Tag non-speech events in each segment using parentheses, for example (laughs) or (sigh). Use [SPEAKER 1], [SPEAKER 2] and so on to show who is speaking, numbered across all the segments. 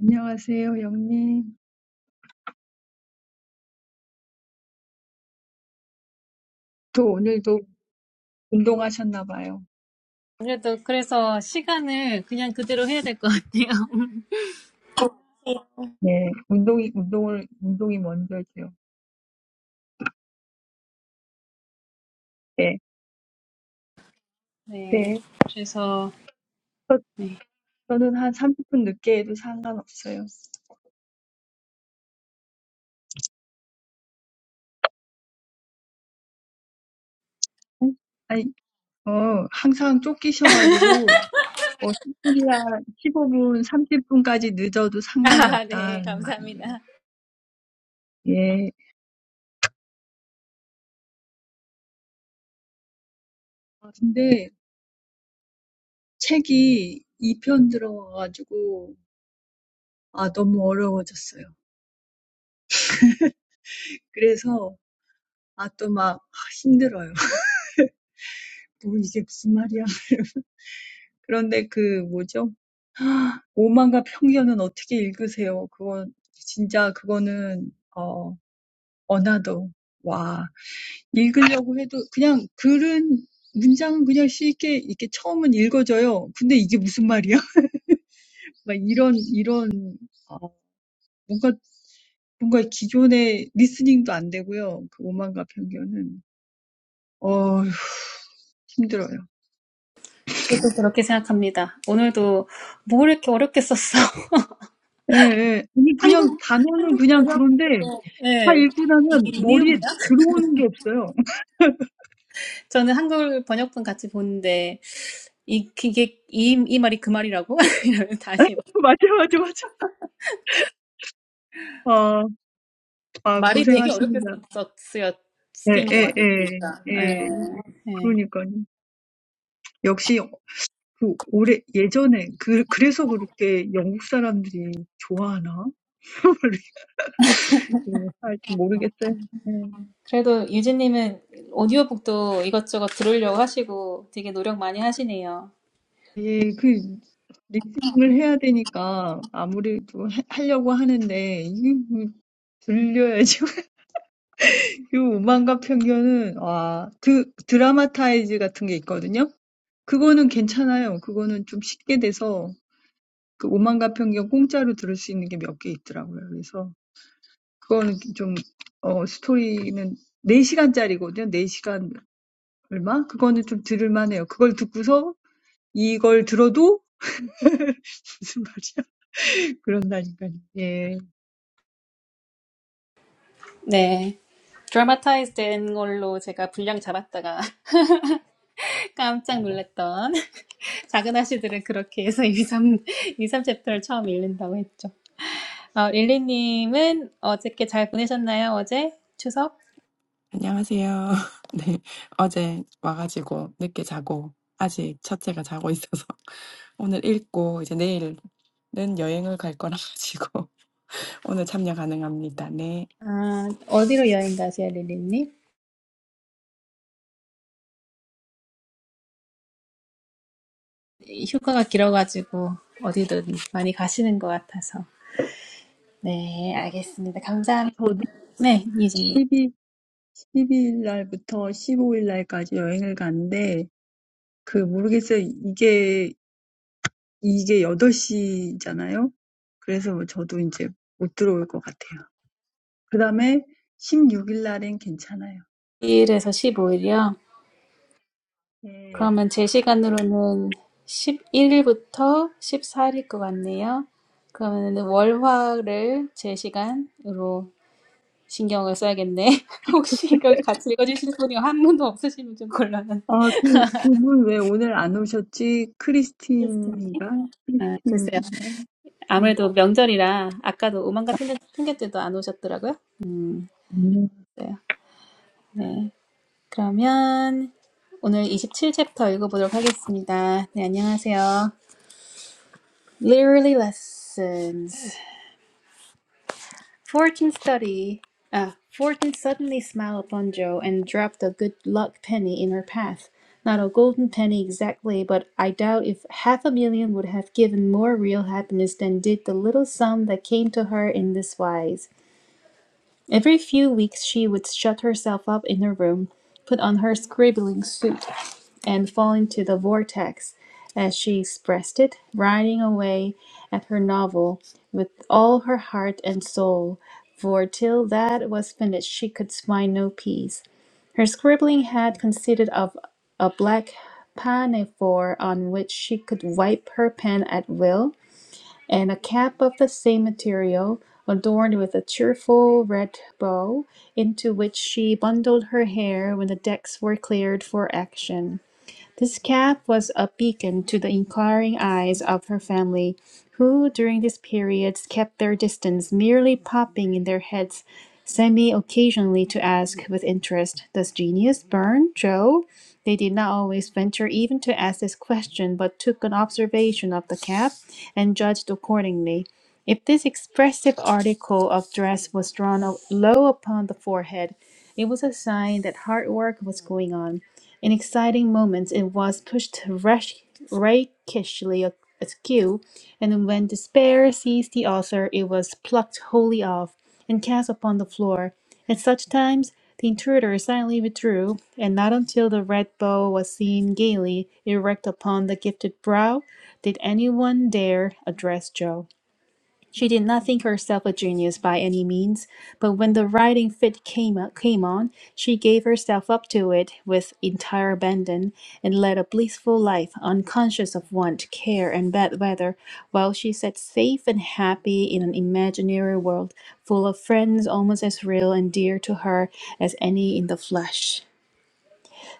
[SPEAKER 1] 안녕하세요, 영님. 또 오늘도 운동하셨나 봐요.
[SPEAKER 2] 아무래도 그래서 시간을 그냥 그대로 해야 될 것 같아요. (laughs)
[SPEAKER 1] 네, 운동이, 운동을, 운동이 먼저죠. 네,
[SPEAKER 2] 네.
[SPEAKER 1] 네.
[SPEAKER 2] 그래서,
[SPEAKER 1] 저,
[SPEAKER 2] 네.
[SPEAKER 1] 저는 한 30분 늦게 해도 상관없어요. 응? 아니, 어, 항상
[SPEAKER 2] (laughs)
[SPEAKER 1] 쫓기셔가지고, 뭐 10분이나 15분, 30분까지 늦어도 상관이
[SPEAKER 2] 아, 네.
[SPEAKER 1] 없다는 말이에요.
[SPEAKER 2] 감사합니다.
[SPEAKER 1] 예. 아, 근데 책이 2편 들어와가지고, 아, 너무 어려워졌어요. 그래서, 아, 또막 힘들어요. 뭐 이게 무슨 말이야. (laughs) 그런데 그 뭐죠? (gasps) 오만과 편견은 어떻게 읽으세요? 그건 진짜 그거는 어 어나더 와 읽으려고 해도 그냥 글은 문장은 그냥 쉽게 이렇게 처음은 읽어져요. 근데 이게 무슨 말이야? (laughs) 막 이런 이런 어, 뭔가 뭔가 기존의 리스닝도 안 되고요. 그 오만과 편견은 어 힘들어요.
[SPEAKER 2] 저도 그렇게 생각합니다. 오늘도 뭘 이렇게 어렵게 썼어. (laughs)
[SPEAKER 1] 예, 예. 아니, 그냥
[SPEAKER 2] 한국,
[SPEAKER 1] 단어는
[SPEAKER 2] 한국
[SPEAKER 1] 그냥
[SPEAKER 2] 번역,
[SPEAKER 1] 그런데 I
[SPEAKER 2] 네.
[SPEAKER 1] read it,
[SPEAKER 2] 이게
[SPEAKER 1] and
[SPEAKER 2] 이 내용이야?
[SPEAKER 1] nothing comes into
[SPEAKER 2] 저는 한글 번역본 같이 보는데, 이, 이게, 이, 이 말이 그 말이라고? (laughs) 이러면 다시 막-
[SPEAKER 1] my head. Right, right, right. Ah, ah,
[SPEAKER 2] 말이
[SPEAKER 1] you're working
[SPEAKER 2] 되게
[SPEAKER 1] hard.
[SPEAKER 2] 어렵게 썼, 썼- 쓰였,
[SPEAKER 1] Yes,
[SPEAKER 2] 쓰인 것
[SPEAKER 1] yes,
[SPEAKER 2] 같아요, 진짜. 네.
[SPEAKER 1] yes.
[SPEAKER 2] 네.
[SPEAKER 1] So, that's why. Again, in the past, that's why English people like it. I don't know. Yes, because I have to read it. No matter how I try, I have
[SPEAKER 2] 그래도 유진님은 오디오북도 이것저것 들으려고 하시고 되게 노력 많이 하시네요.
[SPEAKER 1] to hear it. This prejudice against music is like a drama series. (laughs) (laughs) (laughs) 그거는 괜찮아요. 그거는 좀 쉽게 돼서 그 오만가평경 공짜로 들을 수 있는 게몇개 있더라고요. 그래서 그거는 좀, 어, 스토리는 네 시간짜리거든요. 네 시간 얼마? 그거는 좀 들을만 해요. 그걸 듣고서 이걸 들어도 무슨 말이야? (laughs) 그런다니까요. 예.
[SPEAKER 2] 네. 드라마타이즈 된 걸로 제가 분량 잡았다가 (laughs) 깜짝 놀랐던 (laughs) 작은 아씨들은 그렇게 해서 2, 3, 2, 3 챕터를 처음 읽는다고 했죠. 어, 릴리님은 어저께 잘 보내셨나요? 어제? 추석?
[SPEAKER 3] 안녕하세요. (laughs) 네, 어제 와가지고 늦게 자고, 아직 첫째가 자고 있어서, (laughs) 오늘 읽고, 이제 내일은 여행을 갈 거라 가지고, (laughs) 오늘 참여 가능합니다. 네,
[SPEAKER 2] 아, 어디로 여행 가세요, 릴리님? 휴가가 길어가지고 어디든 많이 가시는 것 같아서. 네, 알겠습니다. 감사합니다.
[SPEAKER 1] 저도
[SPEAKER 2] 네, 이제.
[SPEAKER 1] 십이 12일 날부터 15일 날까지 여행을 갔는데 그 모르겠어요. 이게, 이게 여덟 시잖아요. 그래서 저도 이제 못 들어올 것 같아요. 그다음에 16일 날엔 괜찮아요.
[SPEAKER 2] 1일에서 15일이요?
[SPEAKER 1] 네.
[SPEAKER 2] 그러면 제 시간으로는 11일부터 14일일 것 같네요. 그러면 월화를 제 시간으로 신경을 써야겠네. (laughs) 혹시 이걸 같이 읽어주실 분이 한 분도 없으시면 좀 곤란한
[SPEAKER 1] 아, 그, 그분 왜 오늘 안 오셨지?
[SPEAKER 2] 테스트님.
[SPEAKER 1] 크리스틴인가?
[SPEAKER 2] 아, 글쎄요.
[SPEAKER 1] 크리스틴인가요? 음.
[SPEAKER 2] 아무래도 명절이라 아까도 오만가 핑계- 핑계때도 안 오셨더라고요. 네. 네. 그러면 오늘 27챕터 읽어보도록 하겠습니다. 네, 안녕하세요. Literally Lessons. Fortune study. Uh, Fortune suddenly smiled upon Joe and dropped a good luck penny in her path. Not a golden penny exactly, but I doubt if half a million would have given more real happiness than did the little sum that came to her in this wise. Every few weeks she would shut herself up in her room, put on her scribbling suit, and fall into the vortex, as she expressed it, riding away at her novel with all her heart and soul, for till that was finished she could find no peace. Her scribbling had consisted of a black pinafore on which she could wipe her pen at will, and a cap of the same material, adorned with a cheerful red bow, into which she bundled her hair when the decks were cleared for action. This cap was a beacon to the inquiring eyes of her family, who during this period kept their distance, merely popping in their heads semi occasionally to ask with interest, Does genius burn, Joe? They did not always venture even to ask this question, but took an observation of the cap and judged accordingly. If this expressive article of dress was drawn up low upon the forehead, it was a sign that hard work was going on. In exciting moments, it was pushed rash- rakishly askew, and when despair seized the author, it was plucked wholly off and cast upon the floor. At such times, the intruder silently withdrew, and not until the red bow was seen gaily erect upon the gifted brow did anyone dare address Joe. She did not think herself a genius by any means, but when the writing fit came, came on, she gave herself up to it with entire abandon and led a blissful life, unconscious of want, care, and bad weather, while she sat safe and happy in an imaginary world full of friends almost as real and dear to her as any in the flesh.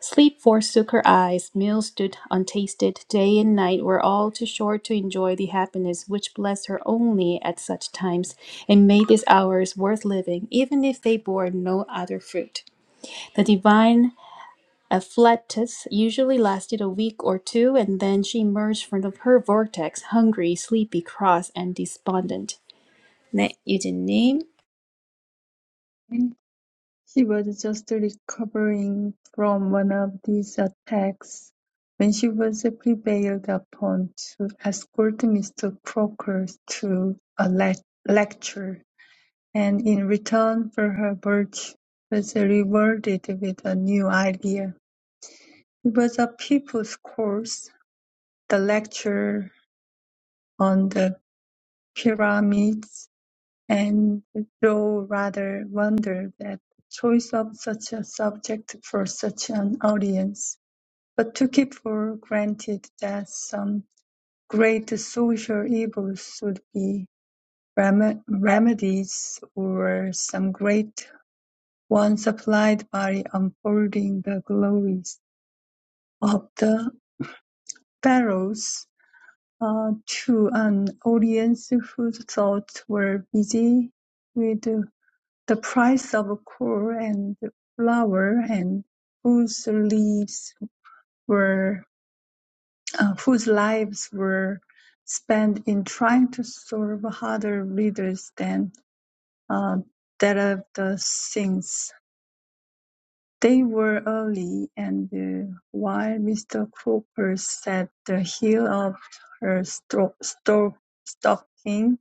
[SPEAKER 2] Sleep forsook her eyes, meals stood untasted, day and night were all too short to enjoy the happiness which blessed her only at such times, and made these hours worth living, even if they bore no other fruit. The divine afflatus usually lasted a week or two, and then she emerged from her vortex, hungry, sleepy, cross, and despondent. 네, 유진님.
[SPEAKER 1] She was just recovering from one of these attacks when she was prevailed upon to escort Mr. Crocker to a lec- lecture, and in return for her virtue was rewarded with a new idea. It was a People's Course, the lecture on the pyramids, and Thoreau rather wondered at the choice of such a subject for such an audience, but took it for granted that some great social evils would be rem- remedies or some great one supplied by unfolding the glories of the pharaohs uh, to an audience whose thoughts were busy with the price of coal and flour and whose lives were uh, whose lives were spent in trying to serve harder readers than uh, that of the saints. They were early, and uh, while Mr. Cooper sat the heel of her stro- sto- stocking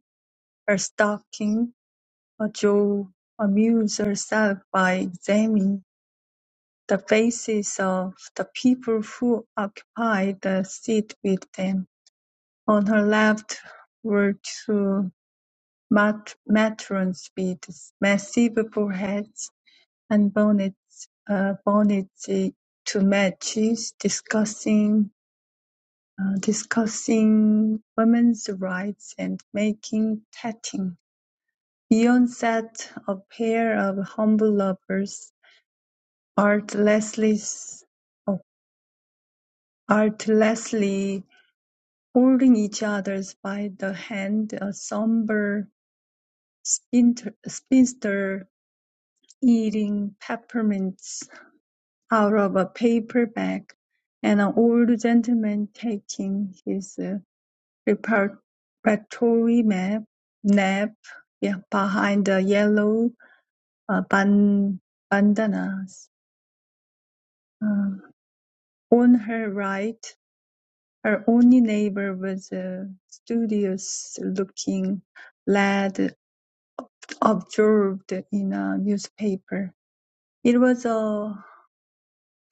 [SPEAKER 1] Her stalking, Jo amuses herself by examining the faces of the people who occupy the seat with them. On her left were two mat- matrons with massive foreheads and bonnets, uh, bonnets to matches, discussing uh, discussing women's rights and making tatting. Beyond sat a pair of humble lovers, artlessly oh, artlessly holding each other's by the hand, a sombre spinster eating peppermints out of a paper bag, and an old gentleman taking his uh, preparatory map- nap yeah, behind the yellow uh, ban- bandanas. Uh, On her right, her only neighbor was a studious-looking lad absorbed in a newspaper. It was a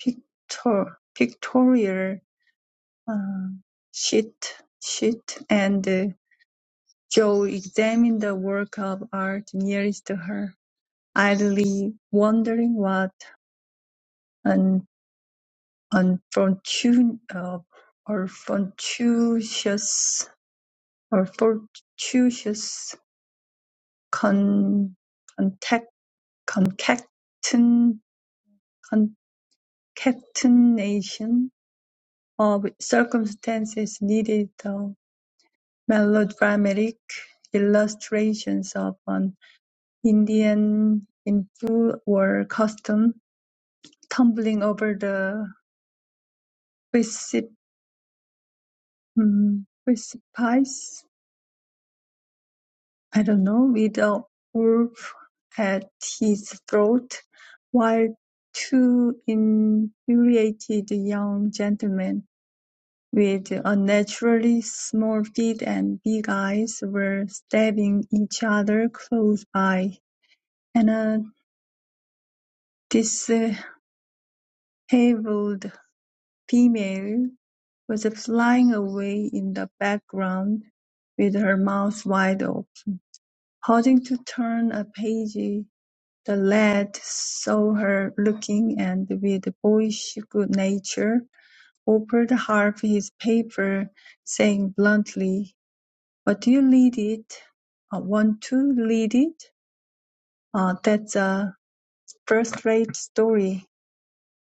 [SPEAKER 1] pictor- pictorial uh, sheet, sheet, and uh, Jo examined the work of art nearest to her, idly wondering what an unfortunate, uh, or fortuitous A fortuitous con- contact, concaten- concatenation of circumstances needed the melodramatic illustrations of an Indian in full war costume tumbling over the precip- mm, precipice. I don't know, with a wolf at his throat, while two infuriated young gentlemen with unnaturally small feet and big eyes were stabbing each other close by, and a disheveled female was flying away in the background with her mouth wide open, pausing to turn a page The lad saw her looking, and with boyish good nature offered half his paper, saying bluntly, "What do you read it? Uh, want to read it? Uh, that's a first-rate story."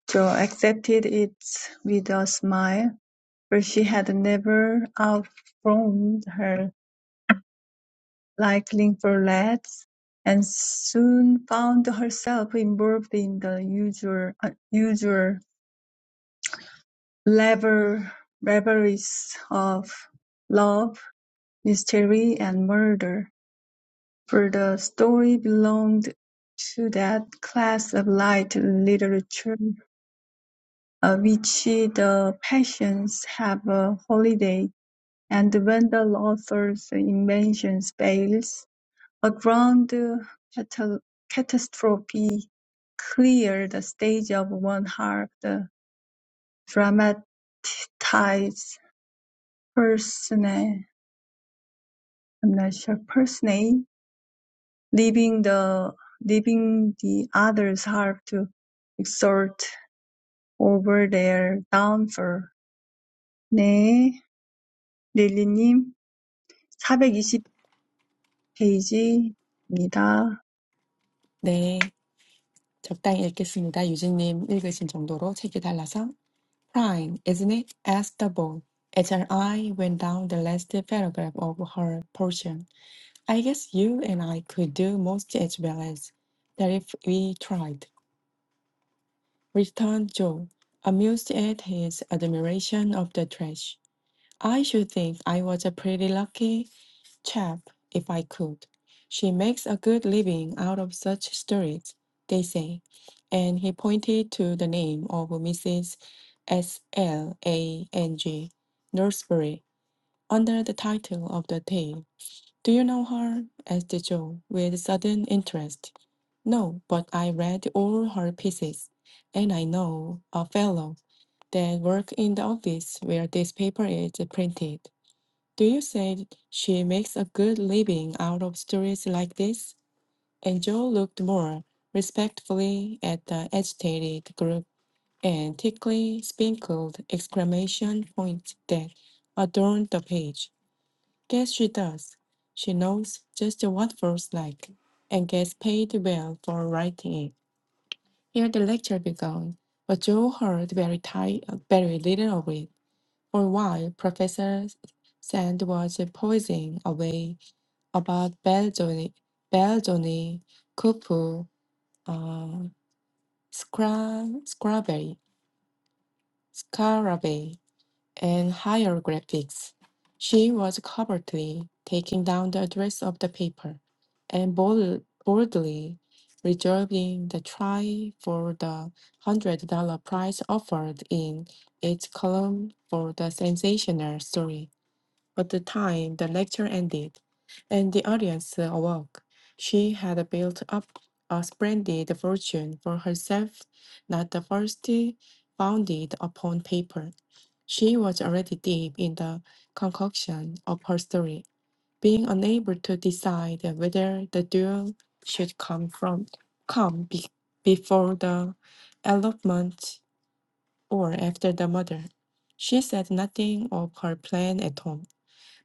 [SPEAKER 1] Jo accepted it with a smile, for she had never outgrown her liking for lads and soon found herself involved in the usual, uh, usual, Lever reveries of love, mystery, and murder, for the story belonged to that class of light literature of which the passions have a holiday, and when the author's invention fails, a grand cata- catastrophe clears the stage of one half the dramatized persona. I'm not sure personally. Leaving the leaving the others have to exert over their downfall. 네, 릴리님 420 페이지입니다.
[SPEAKER 3] 네, 적당히 읽겠습니다. 유진님 읽으신 정도로 책이 달라서. Prime, isn't it? asked the boy. As her eye went down the last paragraph of her portion. I guess you and I could do most as well as that if we tried. returned Joe, amused at his admiration of the trash. I should think I was a pretty lucky chap if I could. She makes a good living out of such stories, they say. And he pointed to the name of Mrs. S. L. A. N. G. Nursery under the title of the tale. Do you know her? asked Joe, with sudden interest. No, but I read all her pieces, and I know a fellow that works in the office where this paper is printed. Do you say she makes a good living out of stories like this? And Joe looked more respectfully at the agitated group and thickly sprinkled exclamation points that adorned the page. Guess she does. She knows just what feels like, and gets paid well for writing it. Here the lecture began, but Joe heard very, ti- very little of it. For a while, Professor Sand was poising away about Belzoni, Belzoni, Cupu, uh, Scra- Scraberry. Scarabay. and hieroglyphics. She was covertly taking down the address of the paper and bold- boldly reserving the try for the $100 prize offered in its column for the sensational story. By the time the lecture ended and the audience awoke, she had built up a splendid fortune for herself, not the first founded upon paper. She was already deep in the concoction of her story, being unable to decide whether the duel should come from come be, before the elopement or after the murder. She said nothing of her plan at home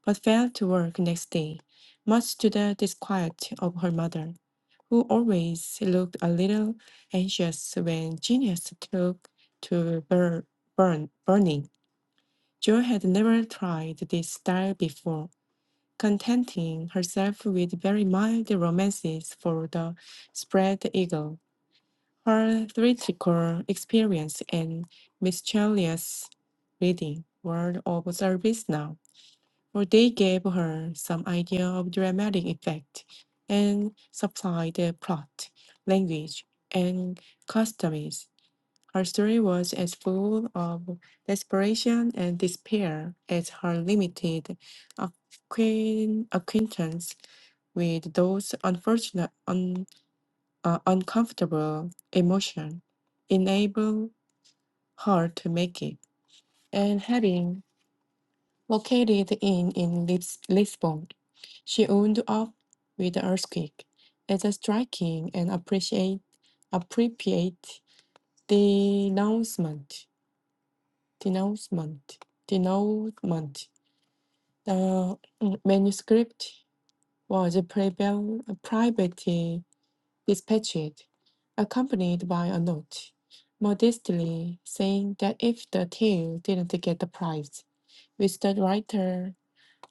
[SPEAKER 3] but failed to work next day, much to the disquiet of her mother, who always looked a little anxious when genius took to bur- burn- burning. Jo had never tried this style before, contenting herself with very mild romances for the spread eagle. Her theatrical experience and miscellaneous reading were of service now for they gave her some idea of dramatic effect and supplied the plot, language, and customs. Her story was as full of desperation and despair as her limited acquaint- acquaintance with those unfortunate, un- uh, uncomfortable emotions enabled her to make it. And having located in, in Lis- Lisbon. She wound up with the earthquake. It's a striking and appreciate appropriate denouncement. Denouncement. Denouncement. The mm, manuscript was preval- privately dispatched, accompanied by a note, modestly saying that if the tale didn't get the prize, which the writer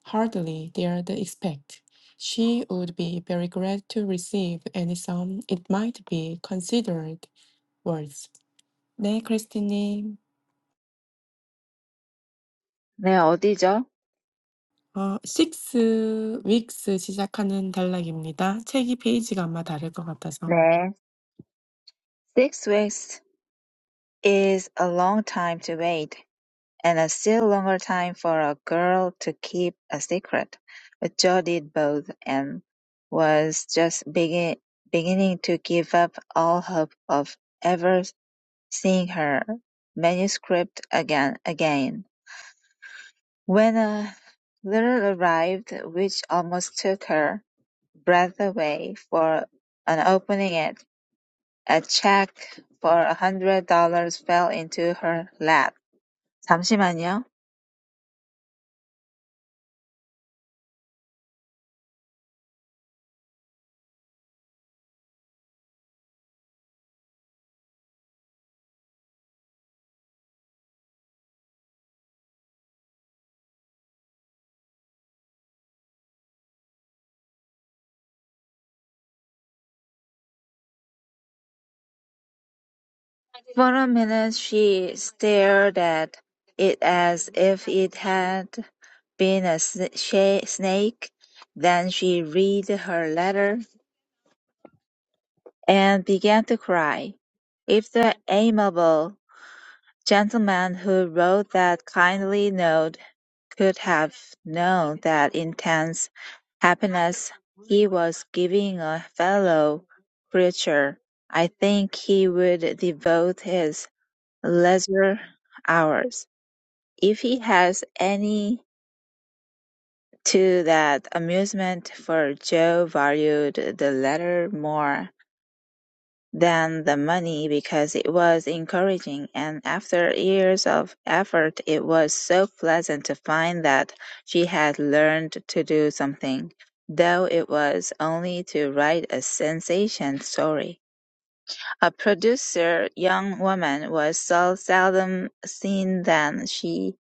[SPEAKER 3] Hardly dared expect she would be very glad to receive any sum it might be considered worth. 네, 크리스티님.
[SPEAKER 4] 네, 어디죠?
[SPEAKER 3] 어, 6 weeks 시작하는 단락입니다. 책이 페이지가 아마 다를 것 같아서.
[SPEAKER 4] 네. Six weeks is a long time to wait, and a still longer time for a girl to keep a secret. But Jo did both and was just begin, beginning to give up all hope of ever seeing her manuscript again. again. When a letter arrived, which almost took her breath away for an opening it, A check for a hundred dollars fell into her lap. 잠시만요. For a minute she stared at it as if it had been a sn- snake. Then she read her letter and began to cry. If the amiable gentleman who wrote that kindly note could have known that intense happiness he was giving a fellow creature, I think he would devote his leisure hours, if he has any, to that amusement, for Joe valued the latter more. than the money because it was encouraging and after years of effort it was so pleasant to find that she had learned to do something, though it was only to write a sensation story. A producer young woman was so seldom seen than she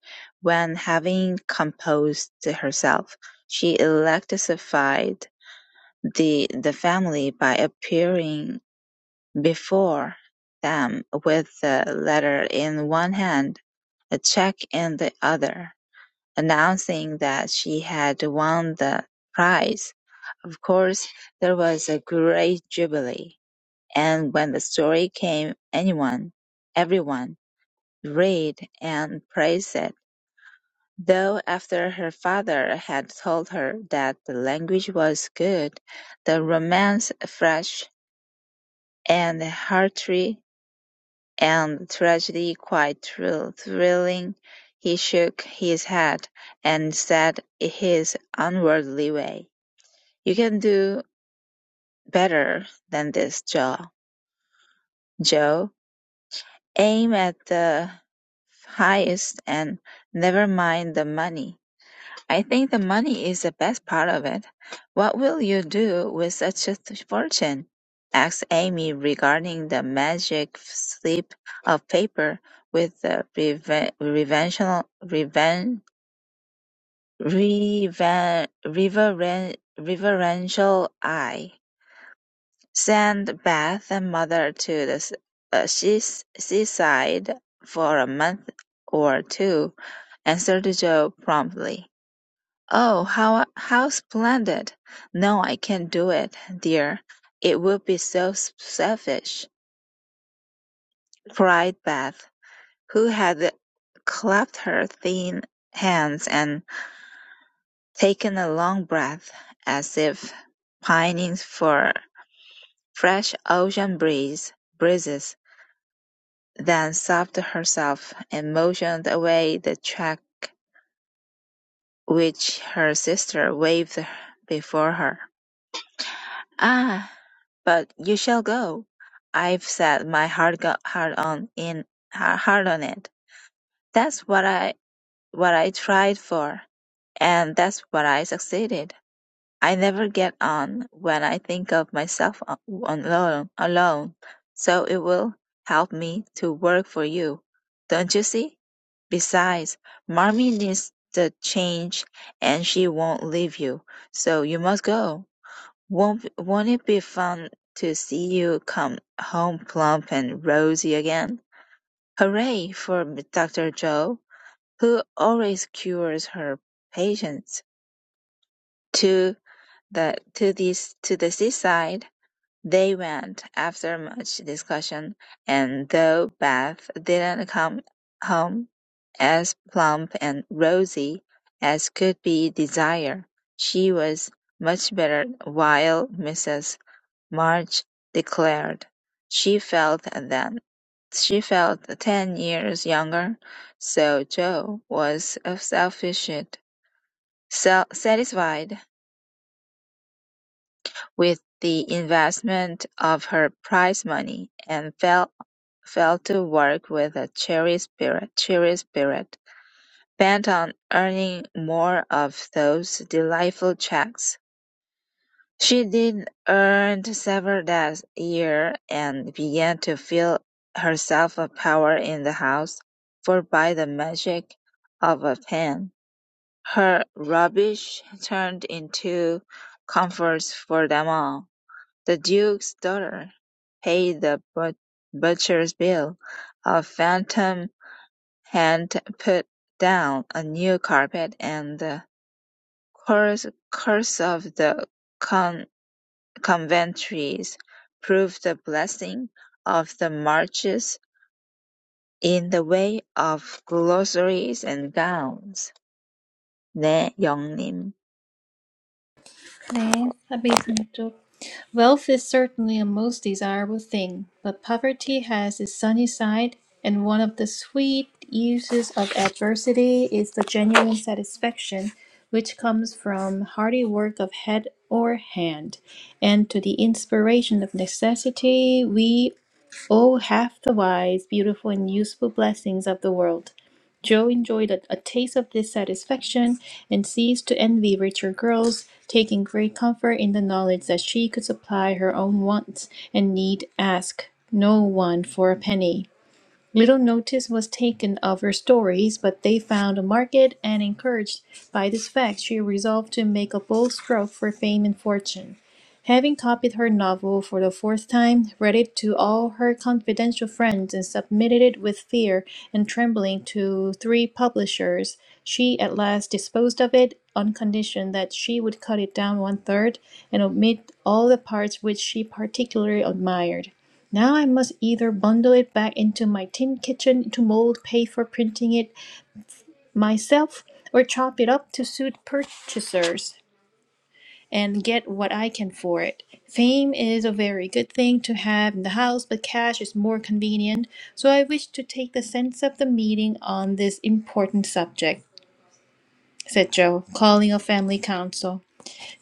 [SPEAKER 4] when having composed herself. She electrified the the family by appearing before them with the letter in one hand, a check in the other, announcing that she had won the prize. Of course, there was a great jubilee, and when the story came, anyone, everyone, read and praised it. Though after her father had told her that the language was good, the romance fresh and hearty And tragedy quite true, thrilling. He shook his head and said in his unworldly way, You can do better than this, Joe. Joe, aim at the highest and never mind the money. I think the money is the best part of it. What will you do with such a th- fortune? asked Amy, regarding the magic slip of paper with the reven- reverential, reven- reven- reveren- reverential eye. Send Beth and mother to the s- uh, seas- seaside for a month or two, answered Joe promptly. "Oh, how how splendid! No, I can't do it, dear. It would be so s- selfish," cried Beth, who had clapped her thin hands and taken a long breath, as if pining for fresh ocean breeze breezes, then sobbed herself, and motioned away the check which her sister waved before her. "Ah! But you shall go. I've set my heart go- heart on in ha- heart on it. That's what I what I tried for, and that's what I succeeded. I never get on when I think of myself a- alone alone. So it will help me to work for you, don't you see? Besides, Marmee needs the change, and she won't leave you. So you must go. Won't won't it be fun to see you come home plump and rosy again? Hooray for Dr. Joe, who always cures her patients. To the to this to the seaside they went after much discussion, and though Beth didn't come home as plump and rosy as could be desired, she was much better while Mrs. March declared she felt then, she felt ten years younger, so Jo was self-sufficient, so satisfied with the investment of her prize money and fell fell to work with a cheery spirit, cheery spirit, bent on earning more of those delightful checks. She did earn several that year and began to feel herself a power in the house, for by the magic of a pen, her rubbish turned into comforts for them all. The duke's daughter paid the but- butcher's bill, a phantom hand put down a new carpet, and the curse, curse of the con. Commentaries prove the blessing of the marches in the way of glossaries and gowns. 네, 영님.
[SPEAKER 2] 네, 402쪽. Wealth is certainly a most desirable thing, but poverty has its sunny side, and one of the sweet uses of adversity is the genuine satisfaction which comes from hearty work of head or hand. And to the inspiration of necessity, we Oh, half the wise, beautiful, and useful blessings of the world! Joe enjoyed a, a taste of this satisfaction and ceased to envy richer girls, taking great comfort in the knowledge that she could supply her own wants and need ask no one for a penny. Little notice was taken of her stories, but they found a market, and encouraged by this fact, she resolved to make a bold stroke for fame and fortune. Having copied her novel for the fourth time, read it to all her confidential friends, and submitted it with fear and trembling to three publishers, she at last disposed of it on condition that she would cut it down one third and omit all the parts which she particularly admired. Now I must either bundle it back into my tin kitchen to mold, pay for printing it myself, or chop it up to suit purchasers and get what I can for it. Fame is a very good thing to have in the house, but cash is more convenient, so I wish to take the sense of the meeting on this important subject, said Joe, calling a family council.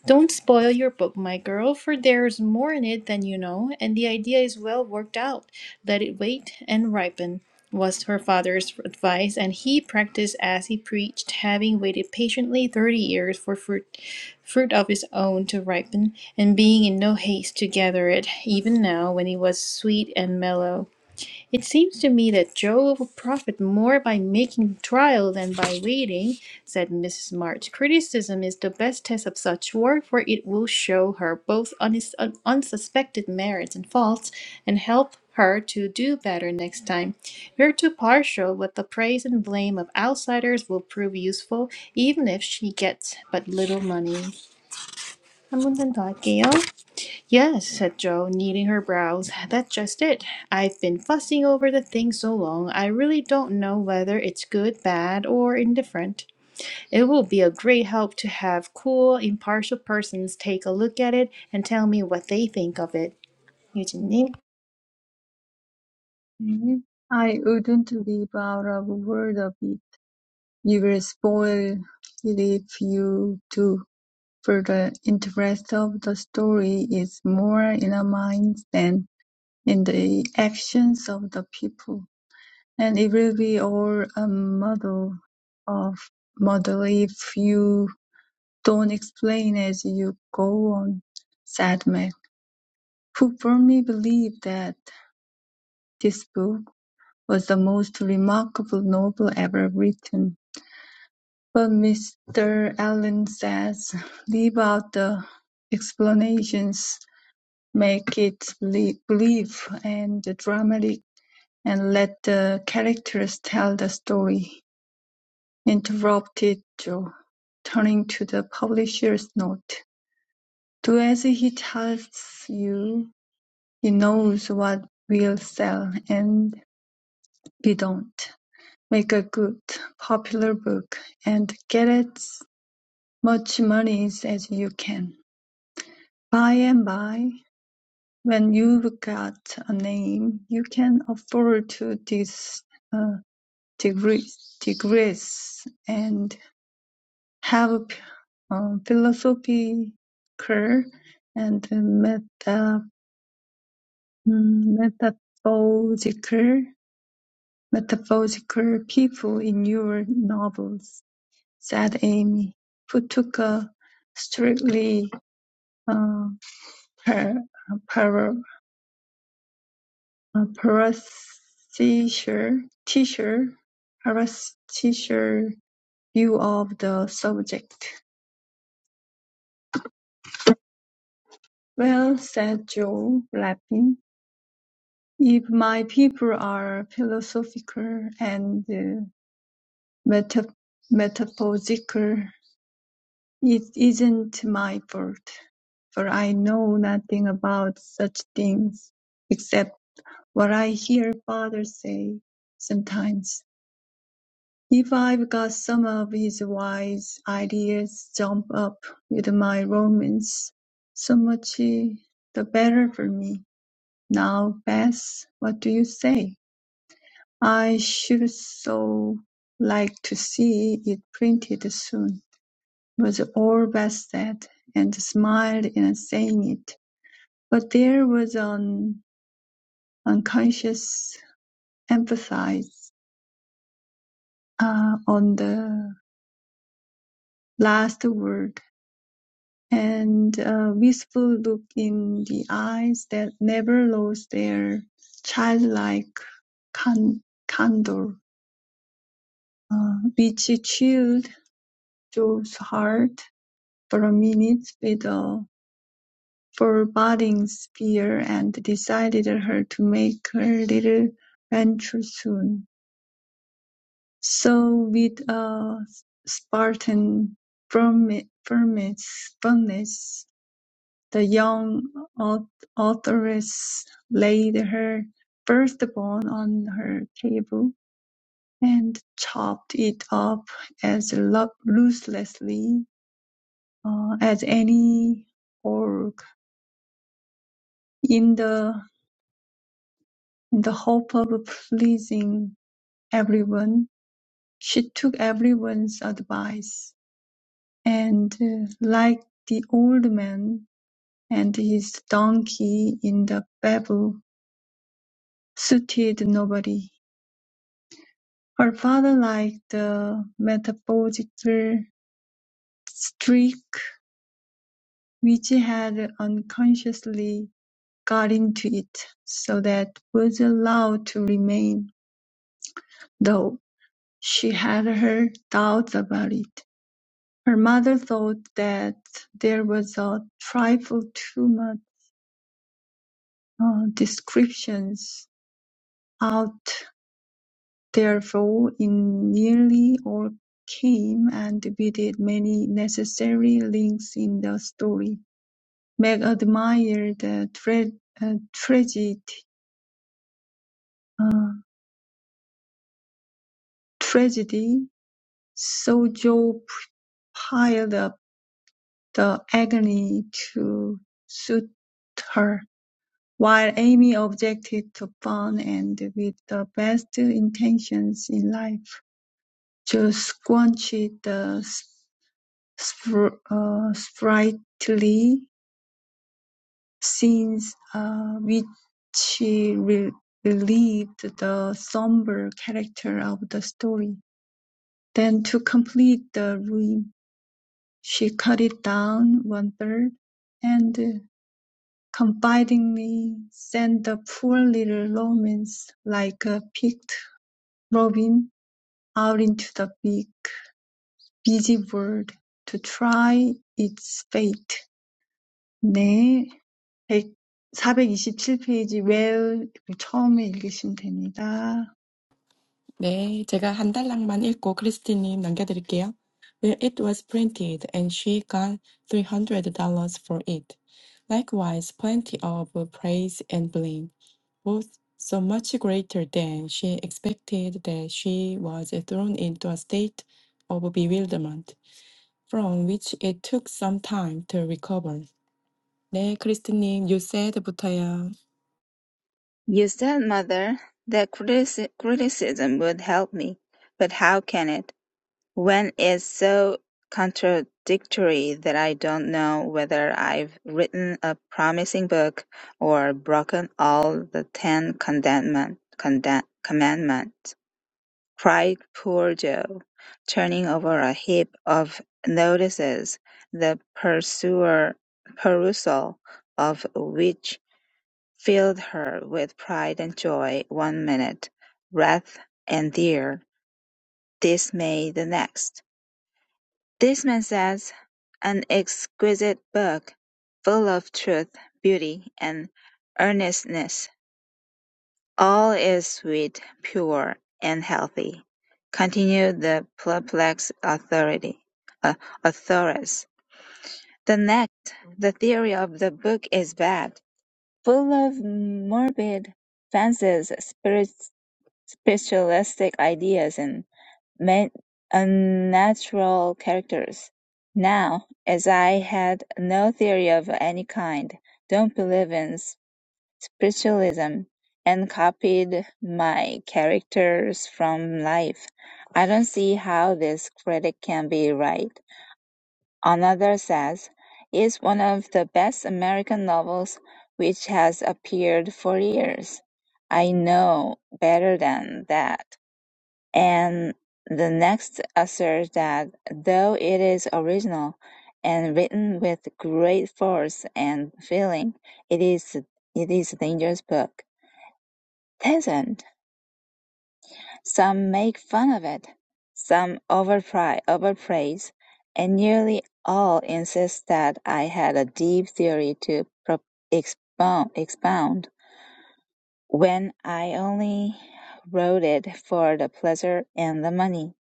[SPEAKER 2] Don't spoil your book, my girl, for there's more in it than you know, and the idea is well worked out. Let it wait and ripen, was her father's advice, and he practiced as he preached, having waited patiently thirty years for fruit, fruit of his own to ripen, and being in no haste to gather it, even now when it was sweet and mellow. It seems to me that Joe will profit more by making trial than by waiting, said Mrs. March. Criticism is the best test of such work, for it will show her both unis- un- unsuspected merits and faults, and help her to do better next time. We're too partial, but the praise and blame of outsiders will prove useful, even if she gets but little money. 한 문단 더 할게요. Yes, said Jo, knitting her brows. That's just it. I've been fussing over the thing so long, I really don't know whether it's good, bad, or indifferent. It will be a great help to have cool, impartial persons take a look at it and tell me what they think of it. 유진님.
[SPEAKER 1] 네. I wouldn't live out of a word of it. You will spoil it if you do. For the interest of the story is more in our minds than in the actions of the people. And it will be all a muddle of muddle if you don't explain as you go on, said Meg, who firmly believed that this book was the most remarkable novel ever written. But Mr. Allen says, leave out the explanations, make it belie- believe and dramatic, and let the characters tell the story. interrupted Joe, turning to the publisher's note. Do as he tells you. He knows what will sell and we don't. Make a good, popular book and get as much money as you can. By and by, when you've got a name, you can afford to dis, uh, digress, digress and have um, philosophical and meta, mm, metaphorical, metaphorical people in your novels, said Amy, who took a strictly uh, par, uh, par, uh, parasitical teacher- parasitical view of the subject. Well, said Joe, laughing. If my people are philosophical and uh, meta- metaphysical, it isn't my fault, for I know nothing about such things except what I hear father say sometimes. If I've got some of his wise ideas jump up with my romance, so much uh, the better for me. Now, Bess, what do you say? "I should so like to see it printed soon," was all Beth said, and smiled in saying it, but there was an unconscious emphasis uh, on the last word, and a wistful look in the eyes that never lost their childlike can- candor, uh, which chilled Joe's heart For a minute with a foreboding fear and decided her to make her little venture soon. So with a Spartan firmi- firmness, firmness, the young authoress laid her firstborn on her table and chopped it up as lo- ruthlessly uh, as any orc in the In the hope of pleasing everyone, she took everyone's advice, and, uh, like the old man and his donkey in the fable, suited nobody. Her father liked the metaphorical streak which had unconsciously got into it, so that was allowed to remain, though she had her doubts about it. Her mother thought that there was a trifle too much uh, descriptions out therefore in nearly all came and visited many necessary links in the story. Meg admired the tra- uh, tragedy, uh, tragedy, so Joe piled up the agony to suit her. While Amy objected to porn and, with the best intentions in life, to squash the spr- uh, sprightly scenes uh, which re- relieved the somber character of the story. Then, to complete the ruin, she cut it down one third and confidingly sent the poor little romance like a picked Robin out into the big, busy world to try its fate. 네, 100 427 페이지 where 처음에 읽으시면 됩니다.
[SPEAKER 3] 네, 제가 한 단락만 읽고 크리스티님 남겨드릴게요. When it was printed, and she got $300 for it. Likewise, plenty of praise and blame, both so much greater than she expected that she was thrown into a state of bewilderment, from which it took some time to recover. 네, 크리스티님, you said부터요.
[SPEAKER 4] You said, mother, that critici- criticism would help me, but how can it, when it's so contradictory that I don't know whether I've written a promising book or broken all the Ten Commandment, conda- commandments? cried poor Joe, turning over a heap of notices, the pursuer- perusal of which filled her with pride and joy one minute, wrath and dear dismay the next. "This man says, an exquisite book, full of truth, beauty, and earnestness. "All is sweet, pure, and healthy," continued the perplexed authority, uh, authoress. "The next, the theory of the book is bad, full of morbid fancies, spirit, spiritualistic ideas, and ma- unnatural characters. Now, as I had no theory of any kind, don't believe in spiritualism and copied my characters from life. I don't see how this critic can be right. Another says, it's one of the best American novels which has appeared for years. I know better than that. And the next asserts that though it is original and written with great force and feeling, it is it is a dangerous book pleasant, some make fun of it, some overpry, overpraise, and nearly all insist that I had a deep theory to pro- expound, expound when I only wrote it for the pleasure and the money.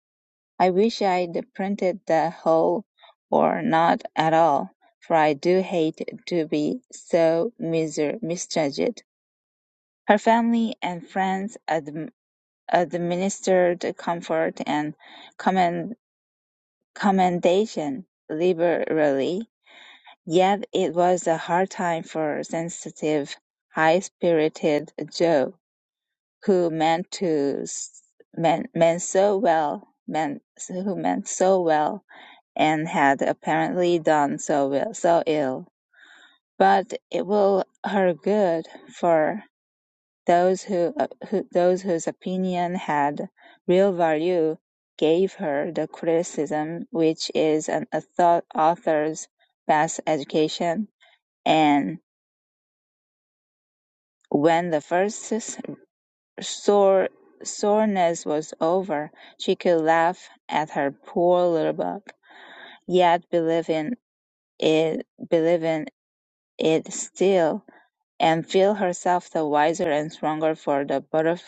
[SPEAKER 4] I wish I'd printed the whole or not at all, for I do hate to be so miser- misjudged. Her family and friends ad. administered comfort and commend- commendation liberally, yet it was a hard time for sensitive, high-spirited Joe, who meant to s- meant, meant so well, meant who meant so well, and had apparently done so well, so ill. But it will her good, for Those who, uh, who those whose opinion had real value gave her the criticism which is an author's best education. And when the first sore soreness was over, she could laugh at her poor little book, yet believe in it, believe in it still, and feel herself the wiser and stronger for the butterf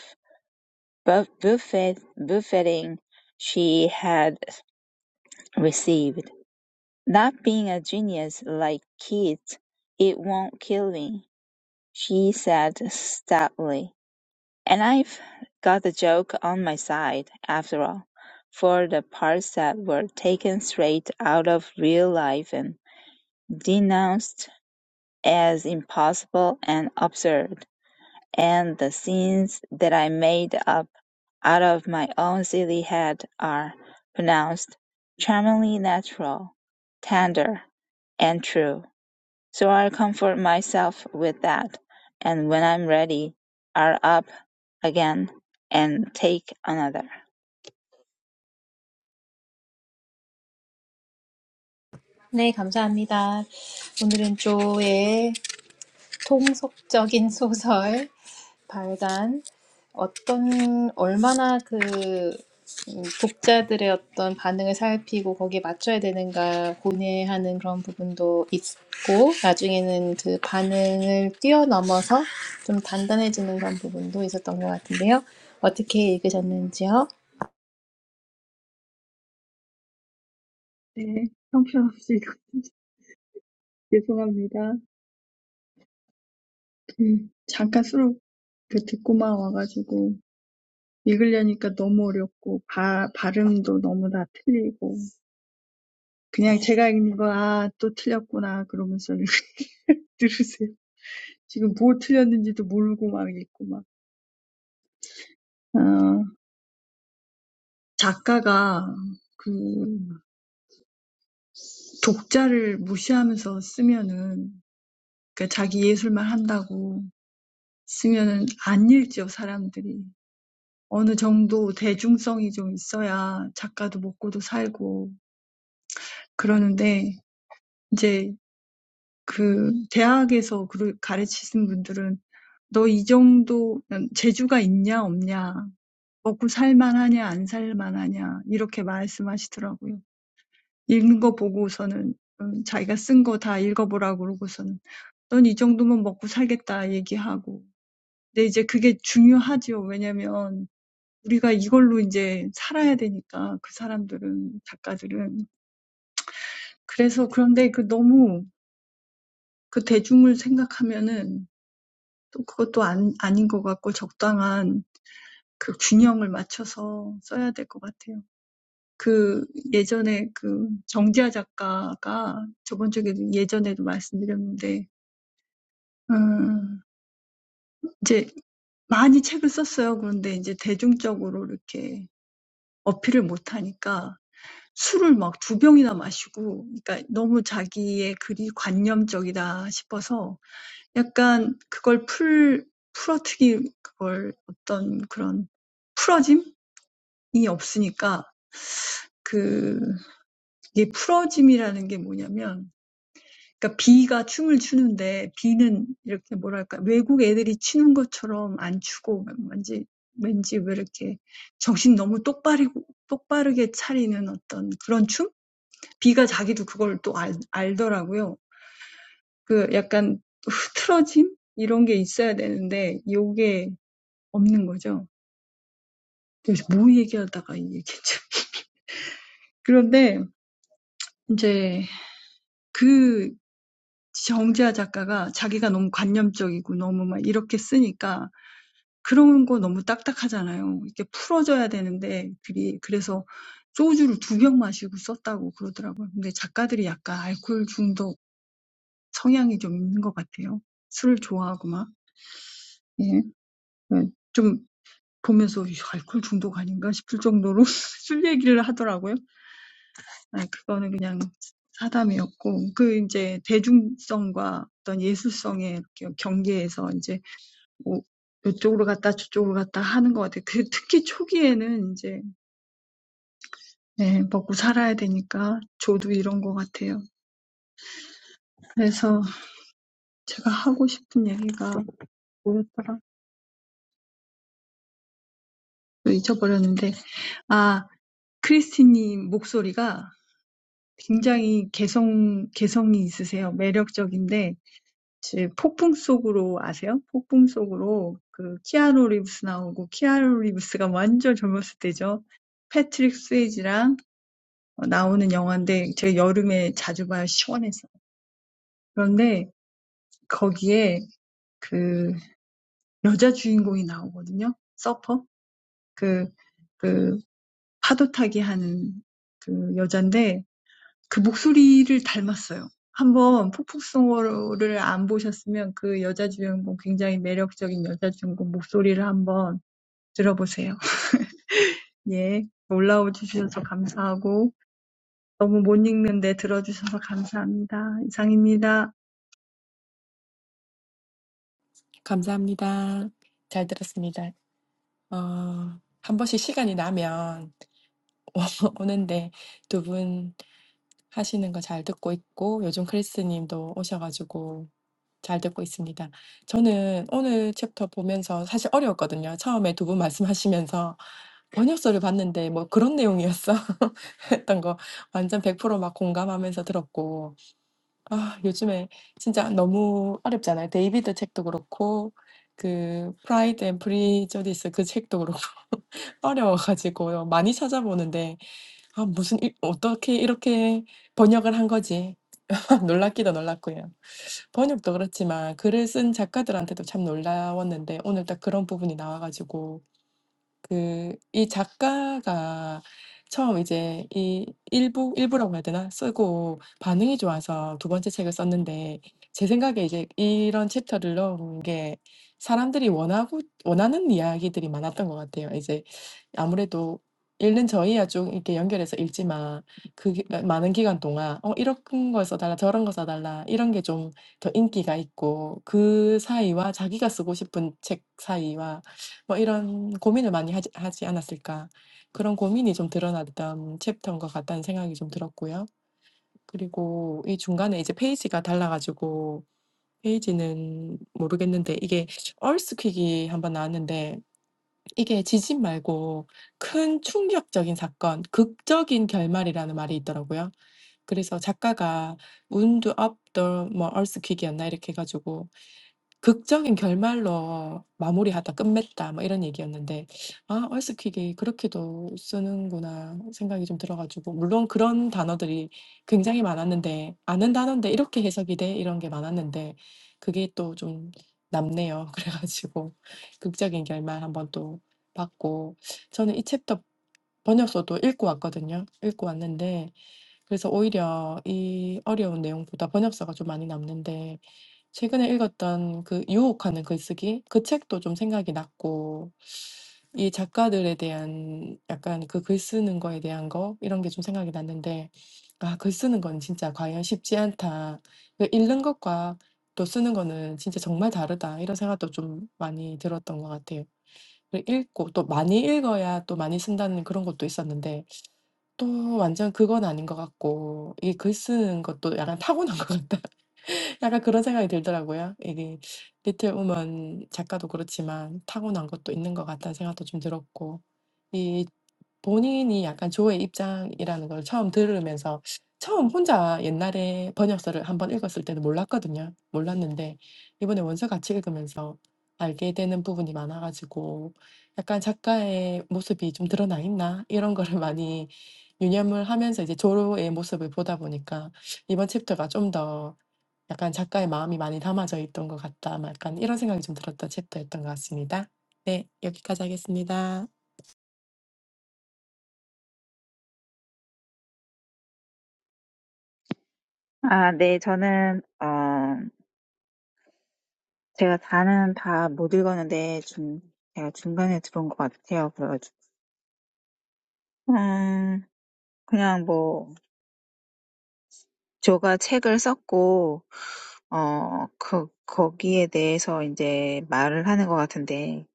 [SPEAKER 4] buff- buffet, buffeting she had received. Not being a genius like Keats, it won't kill me, she said stoutly. And I've got the joke on my side, after all, for the parts that were taken straight out of real life and denounced as impossible and absurd and the scenes that I made up out of my own silly head are pronounced charmingly natural, tender, and true. So I comfort myself with that, and when I'm ready, I'll up again and take another.
[SPEAKER 2] 네, 감사합니다. 오늘은 조의 통속적인 소설 발간 어떤 얼마나 그 음, 독자들의 어떤 반응을 살피고 거기에 맞춰야 되는가 고뇌하는 그런 부분도 있고 나중에는 그 반응을 뛰어넘어서 좀 단단해지는 그런 부분도 있었던 것 같은데요. 어떻게 읽으셨는지요?
[SPEAKER 1] 네, 형편없이 (laughs) 죄송합니다. 음, 잠깐 수록 그 듣고만 와가지고 읽으려니까 너무 어렵고 바, 발음도 너무 다 틀리고 그냥 제가 읽는 거, 아, 또 틀렸구나 그러면서 (laughs) 들으세요. 지금 뭐 틀렸는지도 모르고 막 읽고 막. 어, 작가가 그 독자를 무시하면서 쓰면은 그러니까 자기 예술만 한다고 쓰면은 안 읽죠, 사람들이. 어느 정도 대중성이 좀 있어야 작가도 먹고도 살고 그러는데 이제 그 대학에서 그를 가르치신 분들은 너이 정도 재주가 있냐 없냐 먹고 살만하냐 안 살만하냐 이렇게 말씀하시더라고요. 읽는 거 보고서는 음, 자기가 쓴거다 읽어보라고 그러고서는 넌이 정도면 먹고 살겠다 얘기하고. 근데 이제 그게 중요하죠. 왜냐면 우리가 이걸로 이제 살아야 되니까 그 사람들은 작가들은 그래서 그런데 그 너무 그 대중을 생각하면은 또 그것도 안, 아닌 것 같고 적당한 그 균형을 맞춰서 써야 될것 같아요. 그 예전에 그 정지아 작가가 저번 주에도 예전에도 말씀드렸는데 음, 이제 많이 책을 썼어요. 그런데 이제 대중적으로 이렇게 어필을 못하니까 술을 막두 병이나 마시고, 그러니까 너무 자기의 글이 관념적이다 싶어서 약간 그걸 풀, 풀어트기, 그걸 어떤 그런 풀어짐이 없으니까 그, 이게 풀어짐이라는 게 뭐냐면 그러니까 비가 춤을 추는데 비는 이렇게 뭐랄까 외국 애들이 추는 것처럼 안 추고 왠지 왠지 왜 이렇게 정신 너무 똑바르고 똑바르게 차리는 어떤 그런 춤? 비가 자기도 그걸 또 알, 알더라고요. 그 약간 흐트러짐 이런 게 있어야 되는데 요게 없는 거죠. 그래서 뭐 얘기하다가 이 얘기죠. 그런데 이제 그 정재하 작가가 자기가 너무 관념적이고 너무 막 이렇게 쓰니까 그런 거 너무 딱딱하잖아요. 이렇게 풀어져야 되는데 글이 그래서 소주를 두 병 마시고 썼다고 그러더라고요. 근데 작가들이 약간 알코올 중독 성향이 좀 있는 것 같아요. 술을 좋아하고 막. 예. 좀 보면서 알코올 중독 아닌가?' 싶을 정도로 (laughs) 술 얘기를 하더라고요. 아 그거는 그냥 사담이었고 그 이제 대중성과 어떤 예술성의 이렇게 경계에서 이제 뭐 이쪽으로 갔다 저쪽으로 갔다 하는 것 같아요. 그 특히 초기에는 이제 네, 먹고 살아야 되니까 저도 이런 것 같아요. 그래서 제가 하고 싶은 얘기가 뭐였더라? 잊어버렸는데, 아, 크리스티님 목소리가 굉장히 개성, 개성이 있으세요. 매력적인데, 제 폭풍 속으로 아세요? 폭풍 속으로 그 키아누 리브스 나오고, 키아누 리브스가 완전 젊었을 때죠. 패트릭 스웨이지랑 나오는 영화인데, 제가 여름에 자주 봐요. 시원해서. 그런데 거기에 그 여자 주인공이 나오거든요. 서퍼. 그, 그, 파도 타기 하는 그 여잔데 그 목소리를 닮았어요. 한번 폭풍성어를 안 보셨으면 그 여자 주인공 굉장히 매력적인 여자 주인공 목소리를 한번 들어보세요. (laughs) 예. 올라와 주셔서 감사하고 너무 못 읽는데 들어주셔서 감사합니다. 이상입니다.
[SPEAKER 3] 감사합니다. 잘 들었습니다. 어, 한 번씩 시간이 나면 (laughs) 오는데 두 분 하시는 거 잘 듣고 있고 요즘 크리스 님도 오셔 잘 듣고 있습니다. 저는 오늘 챕터 보면서 사실 어려웠거든요. 처음에 두 분 말씀하시면서 번역서를 봤는데 뭐 "그런 내용이었어?" (laughs) 했던 거 완전 100%막 공감하면서 들었고 아 요즘에 진짜 너무 어렵잖아요. 데이비드 책도 그렇고 그 프라이드 앤 프리저디스 그 책도 그렇고 (laughs) 어려워가지고 많이 찾아보는데 아 무슨 이 어떻게 이렇게 번역을 한 거지. (laughs) 놀랍기도 놀랐고요. 번역도 그렇지만 글을 쓴 작가들한테도 참 놀라웠는데 오늘 딱 그런 부분이 나와가지고. 그 이 작가가 처음 이제 이 일부 일부라고 해야 되나? 쓰고 반응이 좋아서 두 번째 책을 썼는데 제 생각에 이제 이런 챕터를 넣은 게 사람들이 원하고 원하는 이야기들이 많았던 것 같아요. 이제 아무래도 읽는 저희야 좀 이렇게 연결해서 읽지만 그기 많은 기간 동안 '어 이런 걸 써달라 저런 거 써달라 이런 게 좀 더 인기가 있고 그 사이와 자기가 쓰고 싶은 책 사이와 뭐 이런 고민을 많이 하지 하지 않았을까. 그런 고민이 좀 드러났던 챕터인 것 같다는 생각이 좀 들었고요. 그리고 이 중간에 이제 페이지가 달라가지고 페이지는 모르겠는데 이게 얼스퀵이 1번 나왔는데 이게 지진 말고 큰 충격적인 사건, 극적인 결말이라는 말이 있더라고요. 그래서 작가가 wound up the 뭐 earthquake이었나 이렇게 해 가지고 극적인 결말로 마무리하다 끝맺다 뭐 이런 얘기였는데 아 얼스퀵이 그렇게도 쓰는구나 생각이 좀 들어 가지고 물론 그런 단어들이 굉장히 많았는데 '아는 단어인데 이렇게 해석이 돼?' 이런 게 많았는데 그게 또 좀 남네요. (laughs) 그래 가지고 극적인 결말 한번 또 봤고 저는 이 챕터 번역서도 읽고 왔거든요. 읽고 왔는데 그래서 오히려 이 어려운 내용보다 번역서가 좀 많이 남는데 최근에 읽었던 그 유혹하는 글쓰기 그 책도 좀 생각이 났고 이 작가들에 대한 약간 그 글 쓰는 거에 대한 거 이런 게 좀 생각이 났는데 아, 글 쓰는 건 진짜 과연 쉽지 않다. 그 읽는 것과 또 쓰는 거는 진짜 정말 다르다. 이런 생각도 좀 많이 들었던 것 같아요. 그 읽고 또 많이 읽어야 또 많이 쓴다는 그런 것도 있었는데 또 완전 그건 아닌 것 같고 이 글 쓰는 것도 약간 타고난 것 같다. 약간 그런 생각이 들더라고요. 이게 리틀 우먼 작가도 그렇지만 타고난 것도 있는 것 같다는 생각도 좀 들었고 이 본인이 약간 조의 입장이라는 걸 처음 들으면서 처음 혼자 옛날에 번역서를 한번 읽었을 때는 몰랐거든요. 몰랐는데 이번에 원서 같이 읽으면서 알게 되는 부분이 많아 가지고 약간 작가의 모습이 좀 드러나 있나 이런 거를 (laughs) 많이 유념을 하면서 이제 조의 모습을 보다 보니까 이번 챕터가 좀더 약간 '작가의 마음이 많이 담아져 있던 것 같다.' 막 약간 이런 생각이 좀 들었던 챕터였던 것 같습니다. 네. 여기까지 하겠습니다.
[SPEAKER 4] 아, 네, 저는 어, 제가 다는 다못 읽었는데 중 제가 중간에 들어온 것 같아요. 그래가지고 음, 그냥 뭐 제가 책을 썼고 어, 그, 거기에 대해서 이제 말을 하는 것 같은데,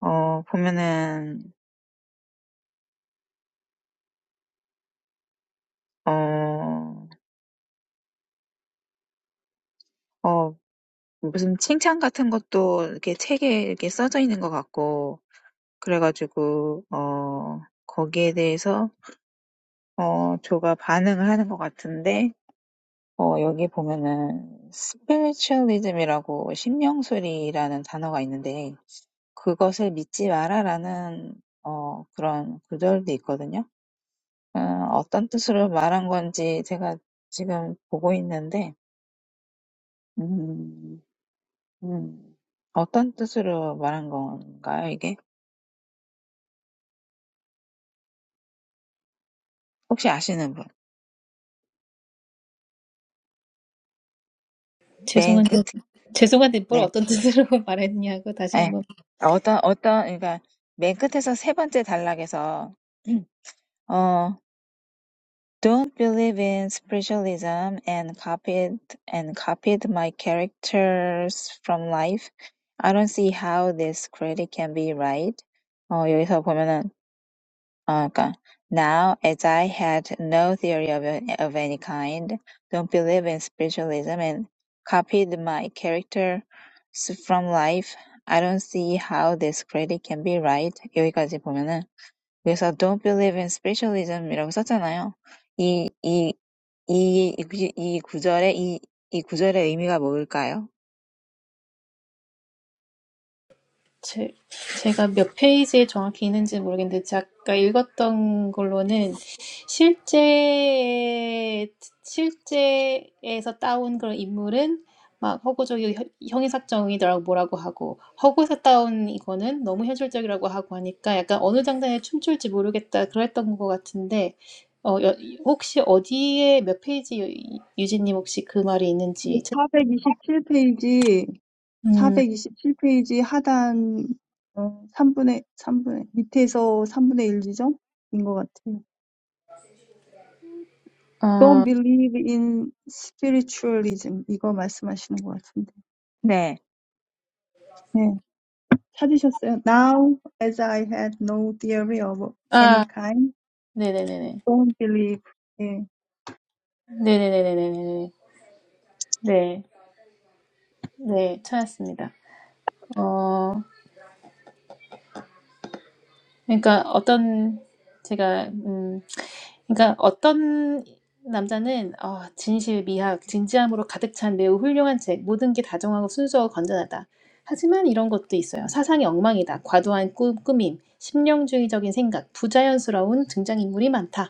[SPEAKER 4] 어, 보면은, 어, 어, 무슨 칭찬 같은 것도 이렇게 책에 이렇게 써져 있는 것 같고, 그래가지고, 어, 거기에 대해서, 어, 조가 반응을 하는 것 같은데, 어, 여기 보면은, 스피리추얼리즘이라고 신명술이라는 단어가 있는데, 그것을 믿지 마라라는, 어, 그런 구절도 있거든요. 어, 어떤 뜻으로 말한 건지 제가 지금 보고 있는데, 음, 음, 어떤 뜻으로 말한 건가요, 이게? 혹시 아시는 분? 맨 끝,
[SPEAKER 2] 죄송한데 죄송한데 뭘
[SPEAKER 4] 네,
[SPEAKER 2] 어떤 뜻으로 (laughs) 말했냐고 다시
[SPEAKER 4] 네.
[SPEAKER 2] 한번
[SPEAKER 4] 어떤, 어떤, 그러니까, 맨 끝에서 세 번째 단락에서, (clears throat) 어, don't believe in spiritualism and copied, and copied my characters from life. I don't see how this critic can be right. 어, 여기서 보면은, Okay. Now, as I had no theory of, of any kind, don't believe in spiritualism, and copied my character s- from life, I don't see how this critic can be right. 여기까지 보면은 그래서 don't believe in spiritualism이라고 썼잖아요. 이, 이, 이, 이, 구- 이 구절의 이, 이 구절의 의미가 뭘까요?
[SPEAKER 2] 제, 제가 몇 페이지에 정확히 있는지 모르겠는데, 제가 읽었던 걸로는 실제, 실제에서 따온 그런 인물은 막 허구적이고 혀- 형이삭정이더라고 뭐라고 하고, 허구에서 따온 이거는 너무 현실적이라고 하고 하니까 약간 어느 장단에 춤출지 모르겠다 그랬던 것 같은데, 어, 여- 혹시 어디에 몇 페이지 유- 유진님 혹시 그 말이 있는지, 찾-
[SPEAKER 1] 사백이십칠 페이지.
[SPEAKER 2] 음,
[SPEAKER 1] 사백이십칠 페이지 하단 어, 삼분의 삼분의 밑에서 삼분의 일 지점인 것 같아요. Don't believe in spiritualism. 이거 말씀하시는 것 같은데.
[SPEAKER 4] 네,
[SPEAKER 1] 네 찾으셨어요. Now as I had no theory of any
[SPEAKER 2] 아,
[SPEAKER 1] kind,
[SPEAKER 2] 네네네네.
[SPEAKER 1] don't believe. 네
[SPEAKER 2] 네네네네네네. 네. 네, 찾았습니다. 그러니까 어떤 제가 음 그러니까 어떤 남자는 어, 진실, 미학, 진지함으로 가득 찬 매우 훌륭한 책, 모든 게 다정하고 순수하고 건전하다. 하지만 이런 것도 있어요. 사상이 엉망이다. 과도한 꾸, 꾸밈, 심령주의적인 생각, 부자연스러운 등장인물이 많다.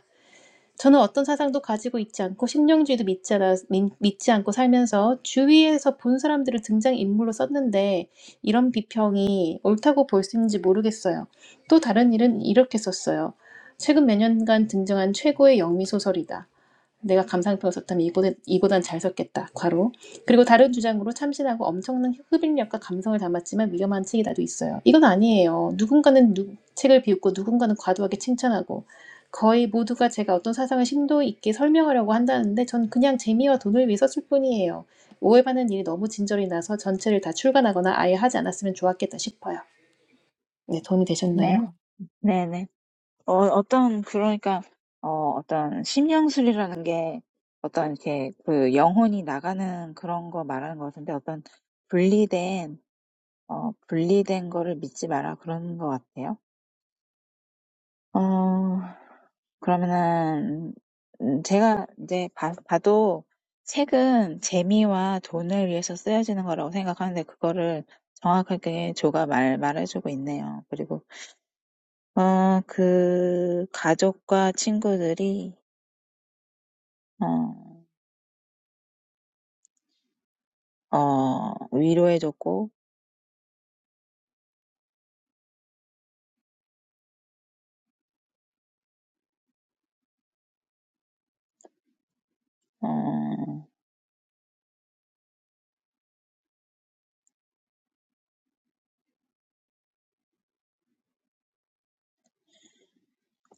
[SPEAKER 2] 저는 어떤 사상도 가지고 있지 않고 신령주의도 믿지, 않아, 믿지 않고 살면서 주위에서 본 사람들을 등장인물로 썼는데 이런 비평이 옳다고 볼 수 있는지 모르겠어요. 또 다른 일은 이렇게 썼어요. 최근 몇 년간 등장한 최고의 영미 소설이다. 내가 감상평을 썼다면 이보단, 이보단 잘 썼겠다. 과로. 그리고 다른 주장으로 참신하고 엄청난 흡입력과 감성을 담았지만 위험한 책이 나도 있어요. 이건 아니에요. 누군가는 누- 책을 비웃고 누군가는 과도하게 칭찬하고 거의 모두가 제가 어떤 사상을 심도 있게 설명하려고 한다는데 전 그냥 재미와 돈을 위해 썼을 뿐이에요. 오해받는 일이 너무 진절이 나서 전체를 다 출간하거나 아예 하지 않았으면 좋았겠다 싶어요. 네, 도움이
[SPEAKER 4] 네,
[SPEAKER 2] 되셨나요?
[SPEAKER 4] 네, 네. 어, 어떤, 그러니까, 어, 어떤 심령술이라는 게 어떤 이렇게 그 영혼이 나가는 그런 거 말하는 것 같은데 어떤 분리된, 어, 분리된 거를 믿지 마라 그런 것 같아요. 어, 그러면은, 음, 제가 이제 봐, 봐도 책은 재미와 돈을 위해서 쓰여지는 거라고 생각하는데 그거를 정확하게 조가 말, 말해주고 있네요. 그리고, 어, 그 가족과 친구들이 어, 위로해줬고, 어,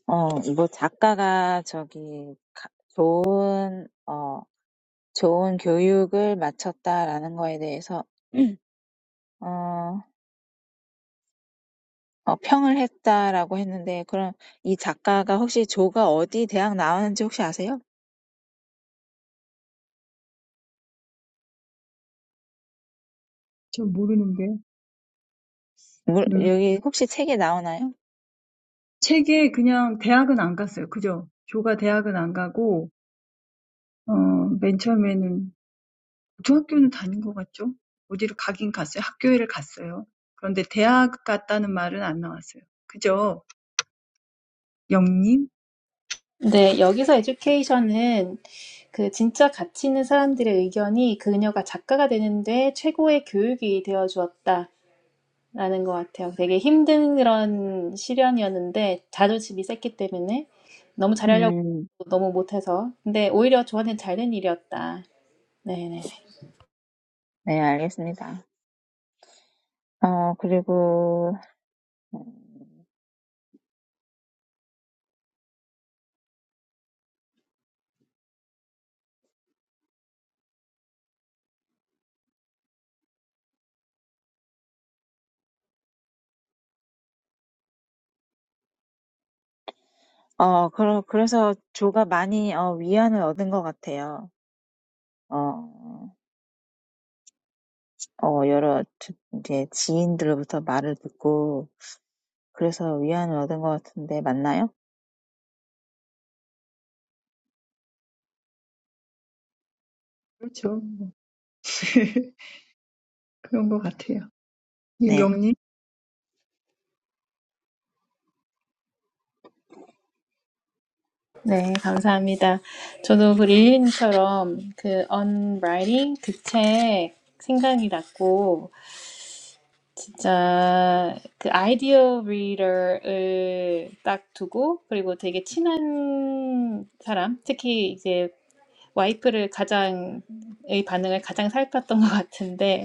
[SPEAKER 4] 어, 뭐 작가가 저기 가- 좋은, 어, 좋은 교육을 마쳤다라는 거에 대해서, (clears throat) 어, 어, 평을 했다라고 했는데, 그럼 이 작가가 혹시 조가 어디 대학 나왔는지 혹시 아세요?
[SPEAKER 1] 전 모르는데.
[SPEAKER 4] 물,
[SPEAKER 1] 음
[SPEAKER 4] 여기 혹시 책에 나오나요?
[SPEAKER 1] 책에 그냥 대학은 안 갔어요. 그죠? 조가 대학은 안 가고 어맨 처음에는. 중학교는 다닌 것 같죠? 어디로 가긴 갔어요. 학교에를 갔어요. 그런데 대학 갔다는 말은 안 나왔어요. 그죠? 영님?
[SPEAKER 2] 네, 여기서 에듀케이션은 그 진짜 가치 있는 사람들의 의견이 그녀가 작가가 되는데 최고의 교육이 되어 주었다라는 것 같아요. 되게 힘든 그런 시련이었는데 자존심이 셌기 때문에 너무 잘하려고 해도
[SPEAKER 4] 음,
[SPEAKER 2] 너무 못해서 근데 오히려 저한테는 잘된 일이었다. 네네. 네,
[SPEAKER 4] 네, 알겠습니다. 어, 그리고, 어, 그러, 그래서 조가 많이, 어, 위안을 얻은 것 같아요. 어, 어 여러 저 인제 지인들로부터 말을 듣고 그래서 위안을 얻은 것 같은데 맞나요?
[SPEAKER 1] 그렇죠. (laughs) 그런 것 같아요.
[SPEAKER 4] 네.
[SPEAKER 1] 영님?
[SPEAKER 2] 네, 감사합니다. 저도 그 릴리님처럼 그 언라이팅 그책 생각이 났고 진짜 그 아이디어 리더를 딱 두고 그리고 되게 친한 사람, 특히 이제 와이프를 가장 의 반응을 가장 살폈던 것 같은데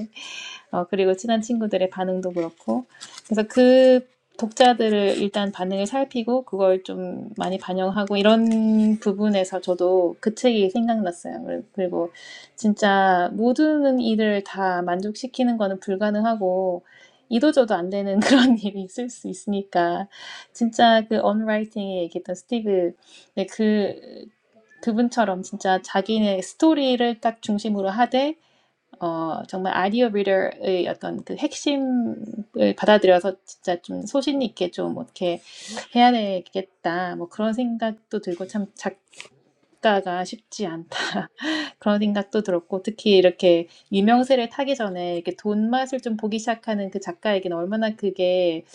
[SPEAKER 2] 어, 그리고 친한 친구들의 반응도 그렇고. 그래서 그 독자들을 일단 반응을 살피고 그걸 좀 많이 반영하고 이런 부분에서 저도 그 책이 생각났어요. 그리- 그리고 진짜 모든 일을 다 만족시키는 거는 불가능하고 이도저도 안 되는 (laughs) 그런 일이 있을 수 있으니까 진짜 그 언라이팅에 얘기했던 스티브 네, 그 그분처럼 진짜 자기네 스토리를 딱 중심으로 하되 어, 정말 아이디어 리더의 어떤 그 핵심을 받아들여서 진짜 좀 소신 있게 좀 어떻게 해야 되겠다. 뭐 그런 생각도 들고 참 작가가 쉽지 않다. (laughs) 그런 생각도 들었고 특히 이렇게 유명세를 타기 전에 이렇게 돈 맛을 좀 보기 시작하는 그 작가에게는 얼마나 그게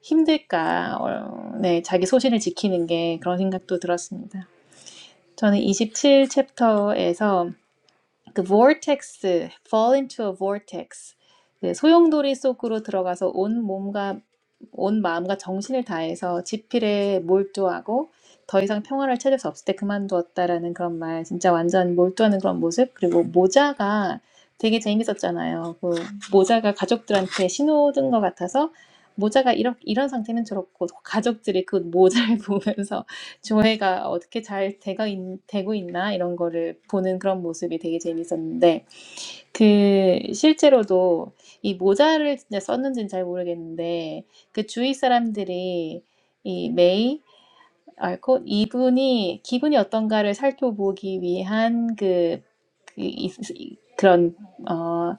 [SPEAKER 2] 힘들까. 어, 네, 자기 소신을 지키는 게 그런 생각도 들었습니다. 저는 27 챕터에서 그 vortex, fall into a vortex. 그 소용돌이 속으로 들어가서 온 몸과 온 마음과 정신을 다해서 지필에 몰두하고 더 이상 평화를 찾을 수 없을 때 그만두었다라는 그런 말, 진짜 완전 몰두하는 그런 모습, 그리고 모자가 되게 재밌었잖아요. 그 모자가 가족들한테 신호든 것 같아서 모자가 이런, 이런 상태는 저렇고 가족들이 그 모자를 (laughs) 보면서 조회가 어떻게 잘 되가 있, 되고 있나 이런 거를 보는 그런 모습이 되게 재밌었는데 그 실제로도 이 모자를 진짜 썼는지는 잘 모르겠는데 그 주위 사람들이 이 메이 알콧 이분이 기분이 어떤가를 살펴보기 위한 그, 그 이- 이- 그런 어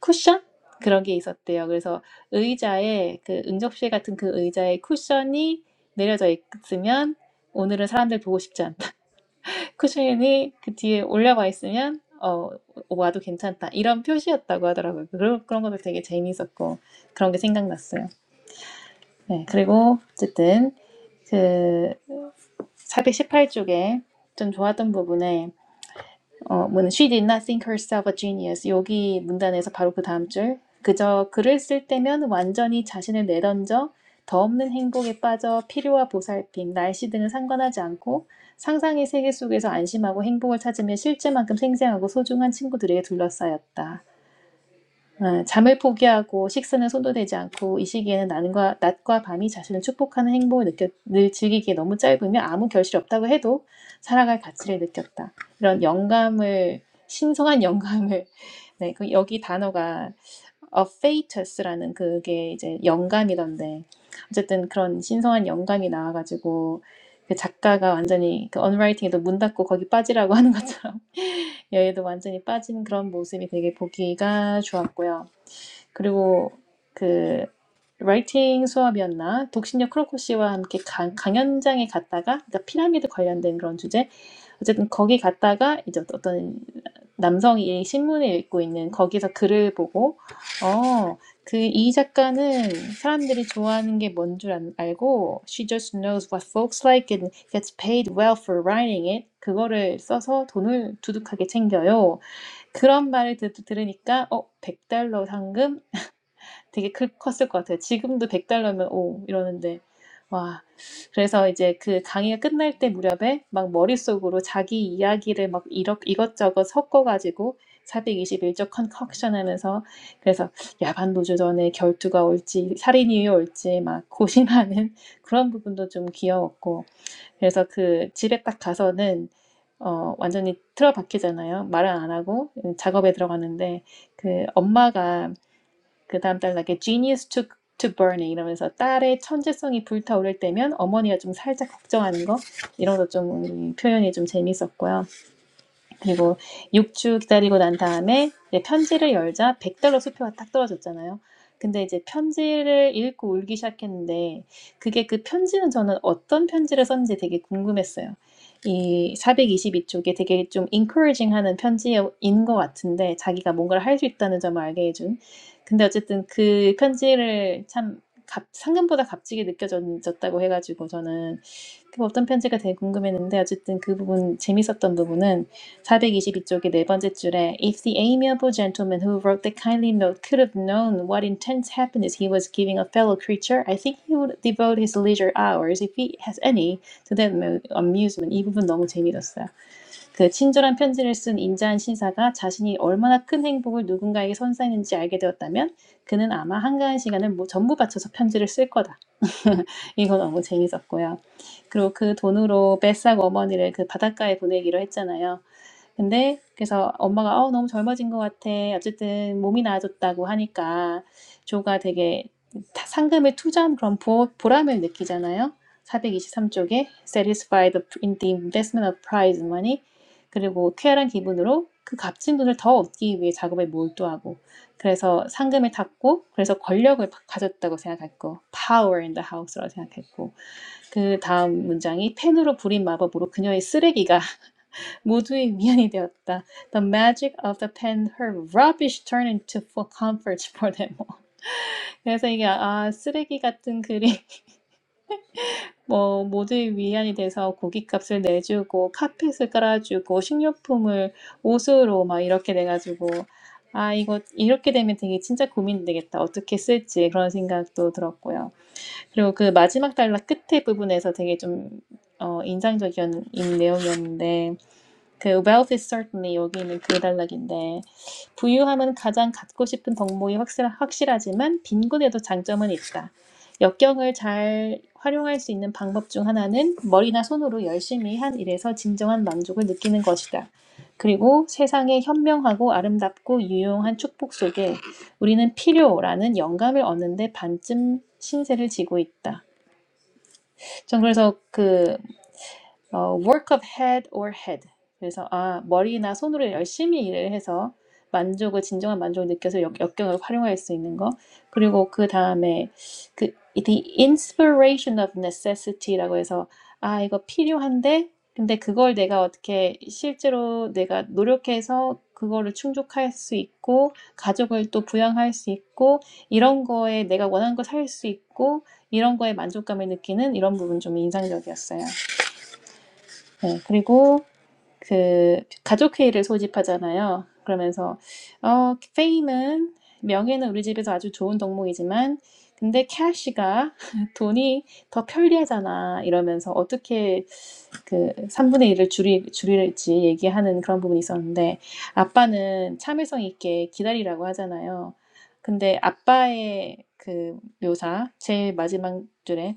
[SPEAKER 2] 쿠션 그런 게 있었대요. 그래서 의자에 그 응접실 같은 그 의자에 쿠션이 내려져 있으면 오늘은 사람들 보고 싶지 쿠션이 그 뒤에 올려와 있으면 어, 와도 괜찮다. 이런 표시였다고 하더라고요. 그런, 그런 것도 되게 재미있었고 그런 게 생각났어요. 네. 그리고 어쨌든 그 418쪽에 좀 좋았던 부분에 어, 뭐는 she did not think herself a genius. 여기 문단에서 바로 그 다음 줄. 그저 글을 쓸 때면 완전히 자신을 내던져 더 없는 행복에 빠져 필요와 보살핌, 날씨 등을 상관하지 않고 상상의 세계 속에서 안심하고 행복을 찾으며 실제만큼 생생하고 소중한 친구들에게 둘러싸였다. 어, 잠을 포기하고 식사는 손도 대지 않고 이 시기에는 낮과, 낮과 밤이 자신을 축복하는 행복을 느꼈, 늘 즐기기에 너무 짧으며 아무 결실이 없다고 해도 살아갈 가치를 느꼈다. 이런 영감을 신성한 영감을 (laughs) 네, 그 여기 단어가 a fatus라는 그게 이제 영감이던데 어쨌든 그런 신성한 영감이 나와가지고 그 작가가 완전히 그 언라이팅에도 문 닫고 거기 빠지라고 (laughs) 하는 것처럼 여기도 완전히 빠진 그런 모습이 되게 보기가 좋았고요. 그리고 그 라이팅 수업이었나 독신녀 크로코 씨와 함께 강, 강연장에 갔다가 그러니까 피라미드 관련된 그런 주제 어쨌든 거기 갔다가 이제 어떤 남성이 신문을 읽고 있는 거기서 글을 보고 어, 그 이 작가는 사람들이 좋아하는 게 뭔 줄 알고 she just knows what folks like and gets paid well for writing it 그거를 써서 돈을 두둑하게 챙겨요. 그런 말을 듣, 들으니까 어, 100달러 상금 되게 클, 컸을 것 같아요. 지금도 100달러면 오 이러는데 와 그래서 이제 그 강의가 끝날 때 무렵에 막 머릿속으로 자기 이야기를 막 이렇, 이것저것 섞어가지고 421조 컨컥션 하면서 그래서 야반도주 전에 결투가 올지 살인이 올지 막 고심하는 (laughs) 그런 부분도 좀 귀여웠고 그래서 그 집에 딱 가서는 어 완전히 틀어박히잖아요 말을 안 하고 작업에 들어가는데 그 엄마가 그 다음 단락에 genius took to burning 이러면서 딸의 천재성이 불타오를 때면 어머니가 좀 살짝 걱정하는 거 이런 거 좀 표현이 좀 재밌었고요. 그리고 6주 기다리고 난 다음에 이제 편지를 열자 100달러 수표가 딱 떨어졌잖아요. 근데 이제 편지를 읽고 울기 시작했는데 그게 그 편지는 저는 어떤 편지를 썼는지 되게 궁금했어요. 이 422쪽에 되게 좀 encouraging 하는 편지인 것 같은데 자기가 뭔가를 할 수 있다는 점을 알게 해준. 근데 어쨌든 그 편지를 참 값, 상금보다 값지게 느껴졌다고 해가지고 저는 그 어떤 편지가 되게 궁금했는데 어쨌든 그 부분 재밌었던 부분은 422쪽의 네 번째 줄에 If the amiable gentleman who wrote the kindly note could have known what intense happiness he was giving a fellow creature, I think he would devote his leisure hours, if he has any, to that amu- amusement. 이 부분 너무 재미있었어요. 그 친절한 편지를 쓴 인자한 신사가 자신이 얼마나 큰 행복을 누군가에게 선사했는지 알게 되었다면 그는 아마 한가한 시간을 뭐 전부 바쳐서 편지를 쓸 거다. (laughs) 이거 너무 재밌었고요. 그리고 그 돈으로 뱃삭 어머니를 그 바닷가에 보내기로 했잖아요. 근데 그래서 엄마가 "어 너무 젊어진 것 같아." 어쨌든 몸이 나아졌다고 하니까 조가 되게 타 상금을 투자한 그런 보 보람을 느끼잖아요. 423 쪽에 "satisfied in the investment of prize money." 그리고 쾌활한 기분으로 그 값진 돈을 더 얻기 위해 작업에 몰두하고 그래서 상금을 탔고 그래서 권력을 파 가졌다고 생각했고 power in the house라고 생각했고 그다음 문장이 "펜으로 부린 마법으로 그녀의 쓰레기가 모두의 위안이 되었다. The magic of the pen, her rubbish turned into f comfort for them. (laughs) 그래서 이게 아 쓰레기 같은 글이 (laughs) 뭐 모두의 위안이 돼서 고깃값을 내주고 카펫을 깔아주고 식료품을 옷으로 막 이렇게 돼가지고 아 이거 이렇게 되면 되게 진짜 고민되겠다. 어떻게 쓸지 그런 생각도 들었고요. 그리고 그 마지막 달락 끝에 부분에서 되게 좀 어, 인상적인 내용이었는데 그 wealth is certainly 여기 있는 그 단락인데 부유함은 가장 갖고 싶은 덕목이 확실, 확실하지만 빈곤에도 장점은 있다. 역경을 잘 활용할 수 있는 방법 중 하나는 머리나 손으로 열심히 한 일에서 진정한 만족을 느끼는 것이다. 그리고 세상의 현명하고 아름답고 유용한 축복 속에 우리는 필요라는 영감을 얻는데 반쯤 신세를 지고 있다. 전 그래서 그 어, work of head or head. 그래서 아, 머리나 손으로 열심히 일을 해서 만족을 진정한 만족을 느껴서 역, 역경을 활용할 수 있는 거. 그리고 그 다음에 그 the inspiration of necessity라고 해서 아, 이거 필요한데 근데 그걸 내가 어떻게 실제로 내가 노력해서 그거를 충족할 수 있고 가족을 또 부양할 수 있고 이런 거에 내가 원하는 거 살 수 있고 이런 거에 만족감을 느끼는 이런 부분 좀 인상적이었어요. 네, 그리고 그 가족회의를 소집하잖아요. 그러면서 어, 페임은 명예는 우리 집에서 아주 좋은 덕목이지만 근데 캐시가 (laughs) 돈이 더 편리하잖아 이러면서 어떻게 그 3분의 1을 줄이, 줄일지 얘기하는 그런 부분이 있었는데 아빠는 참을성 있게 기다리라고 하잖아요. 근데 아빠의 그 묘사 제일 마지막 줄에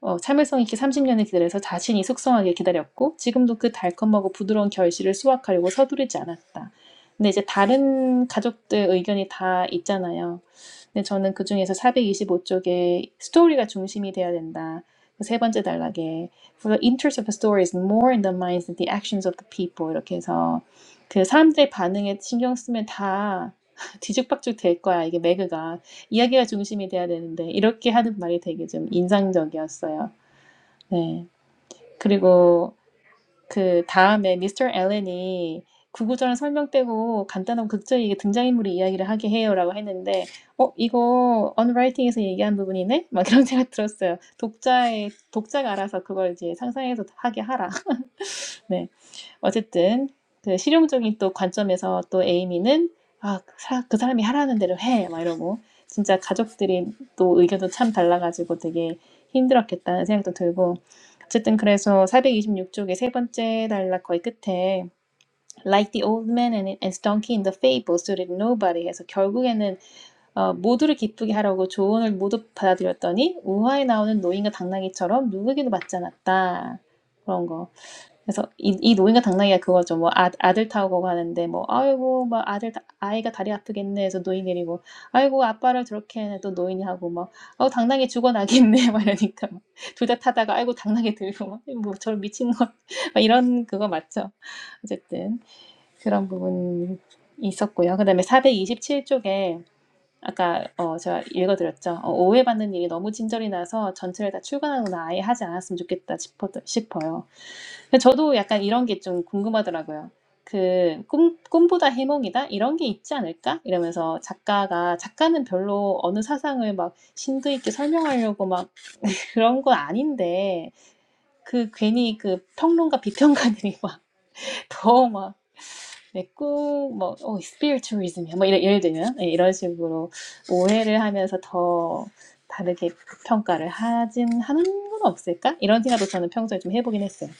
[SPEAKER 2] 어, 참을성 있게 30년을 기다려서 자신이 숙성하게 기다렸고 지금도 그 달콤하고 부드러운 결실을 수확하려고 서두르지 않았다. 근데 이제 다른 가족들 의견이 다 있잖아요. 근데 저는 그 중에서 425쪽에 스토리가 중심이 돼야 된다. 그세 번째 단락에 For the interest of the story is more in the minds than the actions of the people 이렇게 해서 그 사람들의 반응에 신경 쓰면 다 (laughs) 뒤죽박죽 될 거야 이게 매그가 이야기가 중심이 돼야 되는데 이렇게 하는 말이 되게 좀 인상적이었어요. 네. 그리고 그 다음에 미스터 앨런이 구구절 설명 빼고 간단한 극적이게 등장인물의 이야기를 하게 해요라고 했는데 어 이거 언라이팅에서 얘기한 부분이네 막 이런 생각 들었어요 독자의 독자가 알아서 그걸 이제 상상해서 하게 하라 네. 어쨌든 그 실용적인 또 관점에서 또 에이미는 아, 그 사- 람이 하라는 대로 해. 막 이러고 진짜 가족들이 또 의견도 참 달라가지고 되게 힘들었겠다는 생각도 들고 어쨌든 그래서 426쪽의 세 번째 단락 거의 끝에 Like the old man and and his donkey in the fable suited nobody 해서 결국에는 어, 모두를 기쁘게 하려고 조언을 모두 받아들였더니 우화에 나오는 노인과 당나귀처럼 누구에게도 맞지 않았다. 그런 거. 그래서 이, 이 노인과 당나귀가 그거죠. 뭐 아, 아들 타고 가는데 뭐 아이고 막 아들 아이가 다리 아프겠네 해서 노인 내리고 아이고 아빠를 저렇게 해또 노인이 하고 막 아우 당나귀 죽어나겠네 (laughs) 막 이러니까 둘 다 타다가 아이고 당나귀 들고 막 뭐 저런 미친 것 (laughs) 막 이런 그거 맞죠. 어쨌든 그런 부분 있었고요. 그다음에 427쪽에 아까 어 제가 읽어드렸죠. 어, 오해받는 일이 너무 진절이 나서 전체를 다 출간하거나 아예 하지 않았으면 좋겠다 싶어, 싶어요. 저도 약간 이런 게 좀 궁금하더라고요. 그 꿈, 꿈보다 해몽이다? 이런 게 있지 않을까? 이러면서 작가가, 작가는 별로 어느 사상을 막 심도 있게 설명하려고 막 (laughs) 그런 건 아닌데, 그 괜히 그 평론가, 비평가들이 막 (laughs) 더 막, 내 꿈, 뭐, 어, 스피리추얼리즘이야. 뭐, 이런, 예를 들면, 예, 이런 식으로 오해를 하면서 더 다르게 평가를 하진, 하는 건 없을까? 이런 생각도 저는 평소에 좀 해보긴 했어요.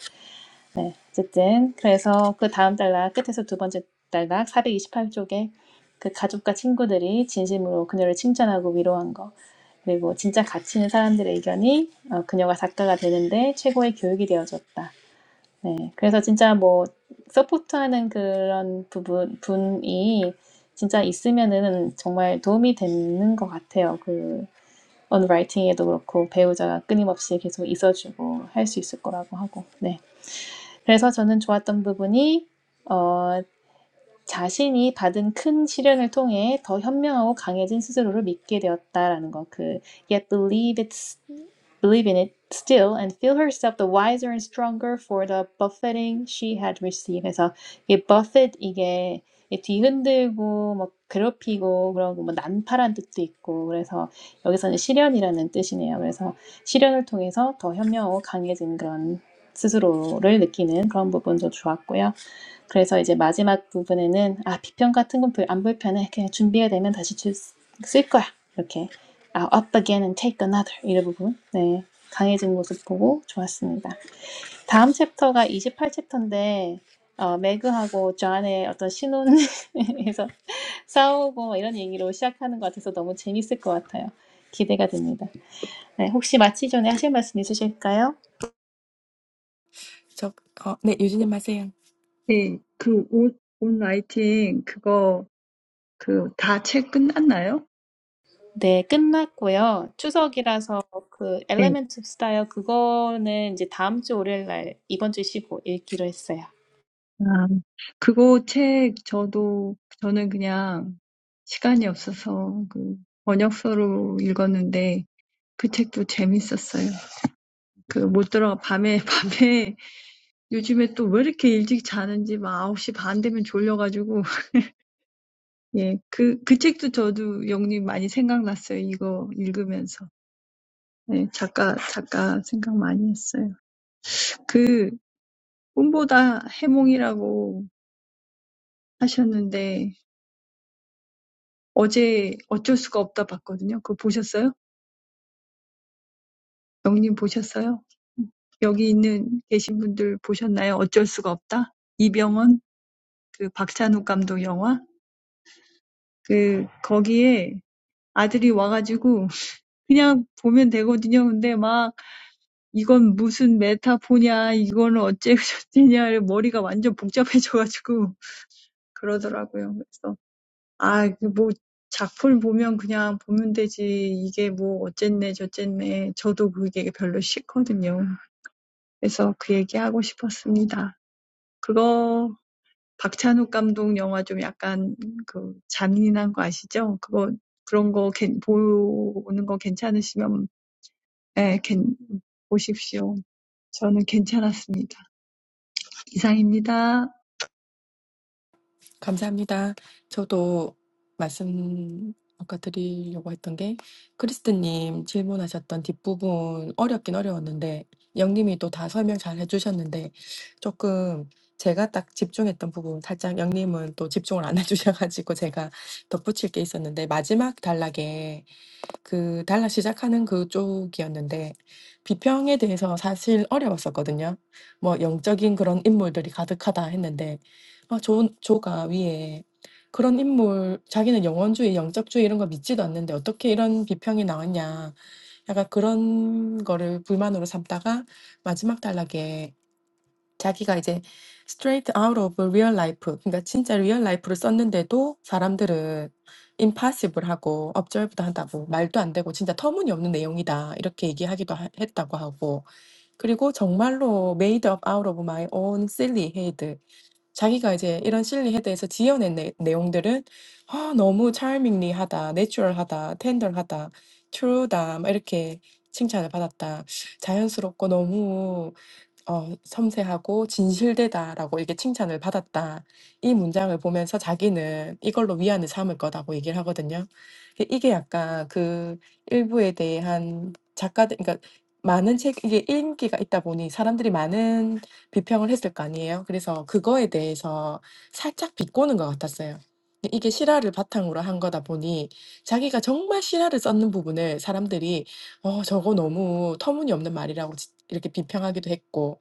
[SPEAKER 2] 네, 어쨌든 그래서 그 다음 달락 끝에서 두 번째 달락 428쪽에 그 가족과 친구들이 진심으로 그녀를 칭찬하고 위로한 거 그리고 진짜 가치 있는 사람들의 의견이 어, 그녀가 작가가 되는데 최고의 교육이 되어줬다. 네, 그래서 진짜 뭐 서포트하는 그런 부분 분이 진짜 있으면은 정말 도움이 되는 것 같아요. 그 언라이팅에도 그렇고 배우자가 끊임없이 계속 있어주고 할 수 있을 거라고 하고 네. 그래서 저는 좋았던 부분이 어, 자신이 받은 큰 시련을 통해 더 현명하고 강해진 스스로를 믿게 되었다라는 거. 그 yet believe it's believe in it still and feel herself the wiser and stronger for the buffeting she had received. 그래서 이게 buffet 이게 뒤흔들고 뭐 괴롭히고 그런 거뭐 난파란 뜻도 있고 그래서 여기서는 시련이라는 뜻이네요. 그래서 시련을 통해서 더 현명하고 강해진 그런 스스로를 느끼는 그런 부분도 좋았고요. 그래서 이제 마지막 부분에는 아 비평 같은 건 안 불편해 그냥 준비가 되면 다시 쓸 거야 이렇게 아 up again and take another 이런 부분 네 강해진 모습 보고 좋았습니다 다음 챕터가 28챕터인데 어, 매그하고 존의 어떤 신혼에서 (laughs) 싸우고 뭐 이런 얘기로 시작하는 것 같아서 너무 재밌을 것 같아요 기대가 됩니다 네, 혹시 마치 전에 하실 말씀 있으실까요?
[SPEAKER 3] 저어 네. 유진님 하세요.
[SPEAKER 1] 네, 그 옷, 옷 라이팅 그거 그 다 책 끝났나요?
[SPEAKER 2] 네, 끝났고요. 추석이라서 그
[SPEAKER 1] 네.
[SPEAKER 2] 엘레멘트 오브 스타일 그거는 이제 다음 주 월요일 날 이번 주 쉬고 읽기로 했어요.
[SPEAKER 1] 아, 그거 책 저도 저는 그냥 시간이 없어서 그 번역서로 읽었는데 그 책도 재밌었어요. 그못 들어가 밤에 (laughs) 밤에 요즘에 또 왜 이렇게 일찍 자는지 막 아홉 시 반 되면 졸려가지고, (laughs) 예, 그, 그 책도 저도 영님 많이 생각났어요. 이거 읽으면서. 예, 작가, 작가 생각 많이 했어요. 그, 꿈보다 해몽이라고 하셨는데, 어제 어쩔 수가 없다 봤거든요. 그거 보셨어요? 영님 보셨어요? 여기 있는, 계신 분들 보셨나요? 어쩔 수가 없다? 이병헌, 그 박찬욱 감독 영화? 그, 거기에 아들이 와가지고, 그냥 보면 되거든요. 근데 막 이건 무슨 메타포냐, 이건 어째저째냐, 머리가 완전 복잡해져가지고 (laughs) 그러더라고요. 그래서 아, 뭐 작품 보면 그냥 보면 되지. 이게 뭐 어쨌네 저쨌네. 저도 그게 별로 싫거든요. 그래서 그 얘기하고 싶었습니다. 그거 박찬욱 감독 영화 좀 약간 그 잔인한 거 아시죠? 그거 그런 거 괜- 보는 거 괜찮으시면 예, 괜, 보십시오. 저는 괜찮았습니다. 이상입니다.
[SPEAKER 3] 감사합니다. 저도 말씀 아까 드리려고 했던 게 크리스트님 질문하셨던 뒷부분 어렵긴 어려웠는데 영님이 또 다 설명 잘 해주셨는데 조금 제가 딱 집중했던 부분 살짝 영님은 또 집중을 안 (laughs) 해주셔가지고 제가 덧붙일 게 있었는데 마지막 단락에 그 달라 시작하는 그쪽이었는데 비평에 대해서 사실 어려웠었거든요. 뭐 영적인 그런 인물들이 가득하다 했는데 아, 조, 조가 위에 그런 인물, 자기는 영원주의, 영적주의 이런 거 믿지도 않는데 어떻게 이런 비평이 나왔냐. 약간 그런 거를 불만으로 삼다가 마지막 단락에 자기가 이제 straight out of real life, 그러니까 진짜 real 라이프를 썼는데도 사람들은 impossible 하고 observe도 한다고 말도 안 되고 진짜 터무니없는 내용이다 이렇게 얘기하기도 하, 했다고 하고 그리고 정말로 made up out of my own silly head. 자기가 이제 이런 silly head에서 지어낸 내, 내용들은 아, 너무 charmingly하다, natural하다, tender하다, true다 막 이렇게 칭찬을 받았다. 자연스럽고 너무 어 "섬세하고 진실되다."라고 이렇게 칭찬을 받았다. 이 문장을 보면서 자기는 이걸로 위안을 삼을 거라고 얘기를 하거든요. 이 이게 약간 그 일부에 대한 작가들 그러니까 많은 책 이게 인기가 있다 보니 사람들이 많은 비평을 했을 거 아니에요. 그래서 그거에 대해서 살짝 비꼬는 것 같았어요. 근데 이게 실화를 바탕으로 한 거다 보니 자기가 정말 실화를 썼는 부분을 사람들이 "어 저거 너무 터무니없는 말이라."고 지 이렇게 비평하기도 했고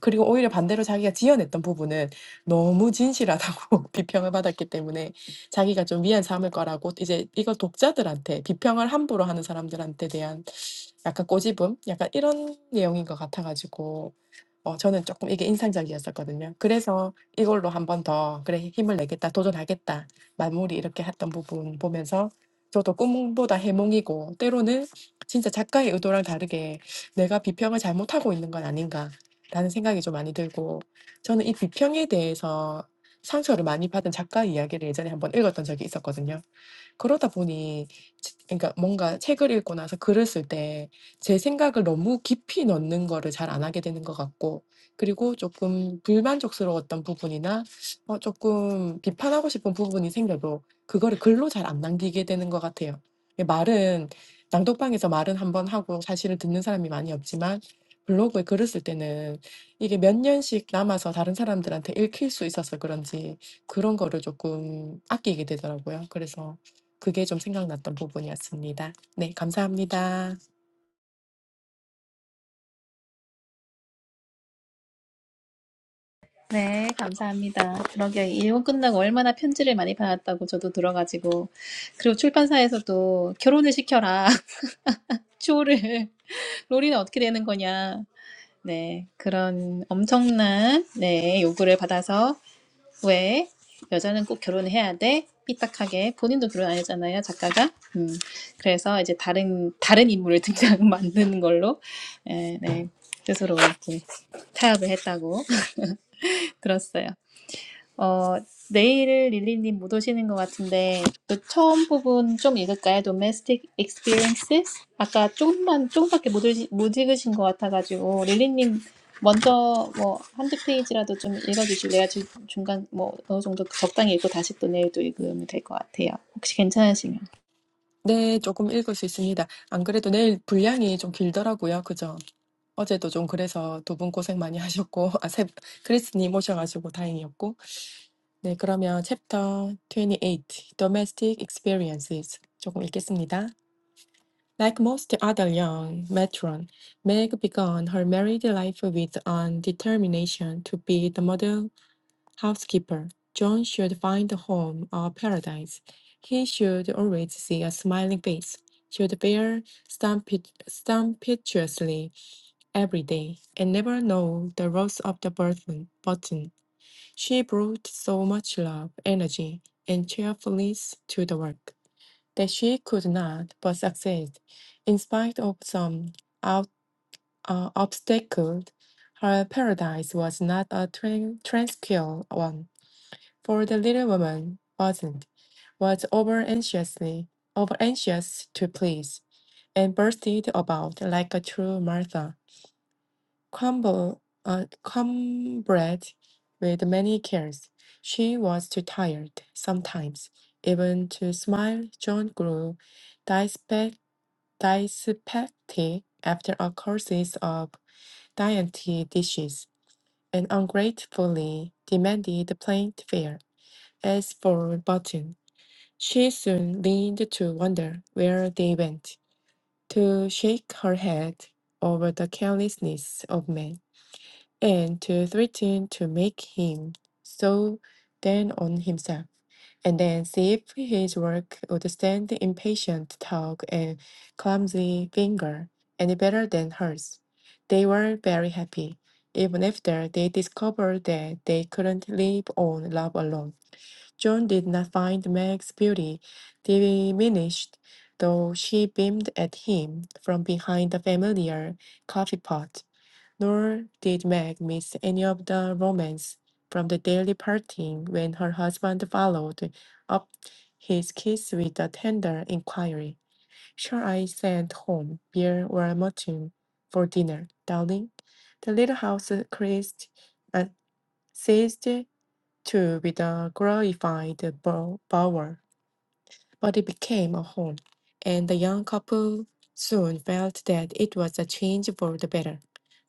[SPEAKER 3] 그리고 오히려 반대로 자기가 지어냈던 부분은 너무 진실하다고 (laughs) 비평을 받았기 때문에 자기가 좀 위안 삼을 거라고 이제 이걸 독자들한테 비평을 함부로 하는 사람들한테 대한 약간 꼬집음? 약간 이런 내용인 것 같아가지고 어 저는 조금 이게 인상적이었었거든요. 그래서 이걸로 1번더 '그래 힘을 내겠다. 도전하겠다.' 마무리 이렇게 했던 부분 보면서 저도 꿈보다 해몽이고 때로는 진짜 작가의 의도랑 다르게 '내가 비평을 잘못하고 있는 건 아닌가.'라는 생각이 좀 많이 들고 저는 이 비평에 대해서 상처를 많이 받은 작가 이야기를 예전에 한번 읽었던 적이 있었거든요. 그러다 보니 치 그러니까 뭔가 책을 읽고 나서 글을 쓸 때 제 생각을 너무 깊이 넣는 거를 잘 안 하게 되는 것 같고 그리고 조금 불만족스러웠던 부분이나 어 조금 비판하고 싶은 부분이 생겨도 그거를 글로 잘 안 남기게 되는 것 같아요. 예 말은 낭독방에서 말은 한번 하고 사실을 듣는 사람이 많이 없지만 블로그에 글을 쓸 때는 이게 몇 년씩 남아서 다른 사람들한테 읽힐 수 있어서 그런지 그런 거를 조금 아끼게 되더라고요. 그래서 그게 좀 생각났던 부분이었습니다. 네, 감사합니다.
[SPEAKER 2] 네, 감사합니다. 그러게 일본 끝나고 얼마나 편지를 많이 받았다고 저도 들어가지고 그리고 출판사에서도 결혼을 시켜라. (laughs) 조를 로리는 어떻게 되는 거냐. 네, 그런 엄청난 네, 요구를 받아서 왜? 여자는 꼭 결혼해야 돼? 삐딱하게 본인도 결혼 안 했잖아요 작가가 음, 그래서 이제 다른 다른 인물을 등장 (laughs) 만드는 걸로 에, 네 스스로 이렇게 타협을 했다고 (laughs) 들었어요 어, 내일 릴리님 못 오시는 것 같은데, 그 처음 부분 좀 읽을까요? Domestic experiences? 아까 조금만, 조금밖에 못, 읽, 못 읽으신 것 같아가지고, 릴리님 먼저 뭐 한두 페이지라도 좀 읽어주실래요? 주- 중간 뭐 어느 정도 적당히 읽고 다시 또 내일 또 읽으면 될 것 같아요. 혹시 괜찮으시면.
[SPEAKER 3] 네, 조금 읽을 수 있습니다. 안 그래도 내일 분량이 좀 길더라고요. 그죠? 어제도 좀 그래서 두 분 고생 많이 하셨고, (laughs) 아, 세, 크리스님 오셔가지고 다행이었고. 네, 그러면 챕터 28, Domestic Experiences 조금 읽겠습니다. Like most other young matron, Meg began her married life with an determination to be the model housekeeper. John should find a home or paradise. He should always see a smiling face, should bear stumptuously every day, and never know the rose of the button. button. She brought so much love, energy, and cheerfulness to the work that she could not but succeed. In spite of some ob- uh, obstacles, her paradise was not a tran- tranquil one for the little woman wasn't, was over anxiously, over anxious to please, and bursted about like a true Martha, cumble, uh, cumbered with many cares. She was too tired sometimes, even to smile. John grew dyspeptic dyspeptic after a courses of dainty dishes, and ungratefully demanded plain fare. As for Button, She soon leaned to wonder where they went, to shake her head over the carelessness of men, and to threaten to make him so down on himself, and then see if his work would stand the impatient talk and clumsy finger any better than hers. They were very happy, even after they discovered that they couldn't live on love alone. John did not find Meg's beauty diminished, though she beamed at him from behind the familiar coffee pot. Nor did Meg miss any of the romance from the daily parting when her husband followed up his kiss with a tender inquiry. Shall I send home beer or mutton for dinner, darling? The little house creased, uh, seized to be the glorified bow- bower, but it became a home, and the young couple soon felt that it was a change for the better.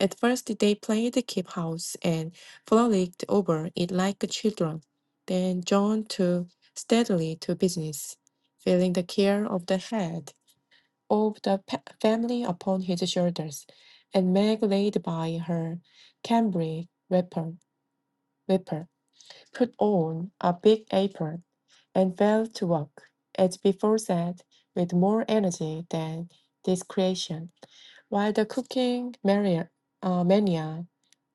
[SPEAKER 3] At first, they played keep house and frolicked over it like children, then John took steadily to business, feeling the care of the head of the pa- family upon his shoulders, and Meg laid by her cambric wrapper, wrapper, put on a big apron and fell to work, as before said, with more energy than discretion. While the cooking mania, uh, mania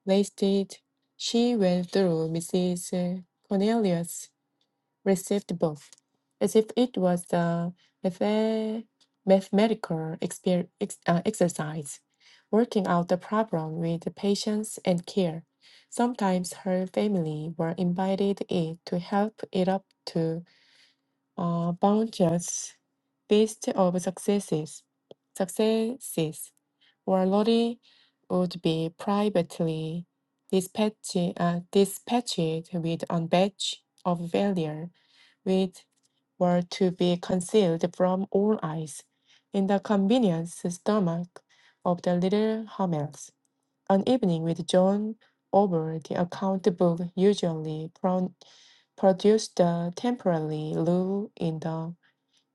[SPEAKER 3] lasted, she went through Mrs. Cornelius' received book, as if it was a mathe- mathematical exper- ex- uh, exercise, working out the problem with patience and care. Sometimes her family were invited in to help it up to uh, bounties list of successes. Successes or lorry would be privately dispatched, uh, dispatched with a batch of failure, which were to be concealed from all eyes in the convenience stomach of the little Hamels. An evening with John over the account book usually pro- produced a temporary lull in the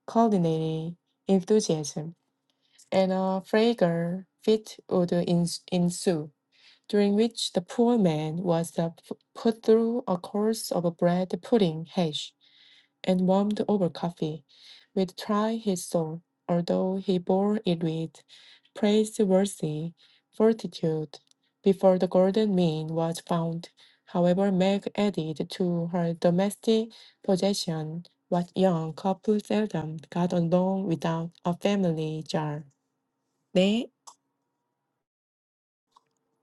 [SPEAKER 3] coordinated enthusiasm, and a fragrant fit would ens- ensue, during which the poor man was uh, p- put through a course of bread pudding hash and warmed over coffee, would try his soul, although he bore it with praiseworthy fortitude. Before the golden mean was found, however, Meg added to her domestic possession what young couples seldom got along without a family jar. 네,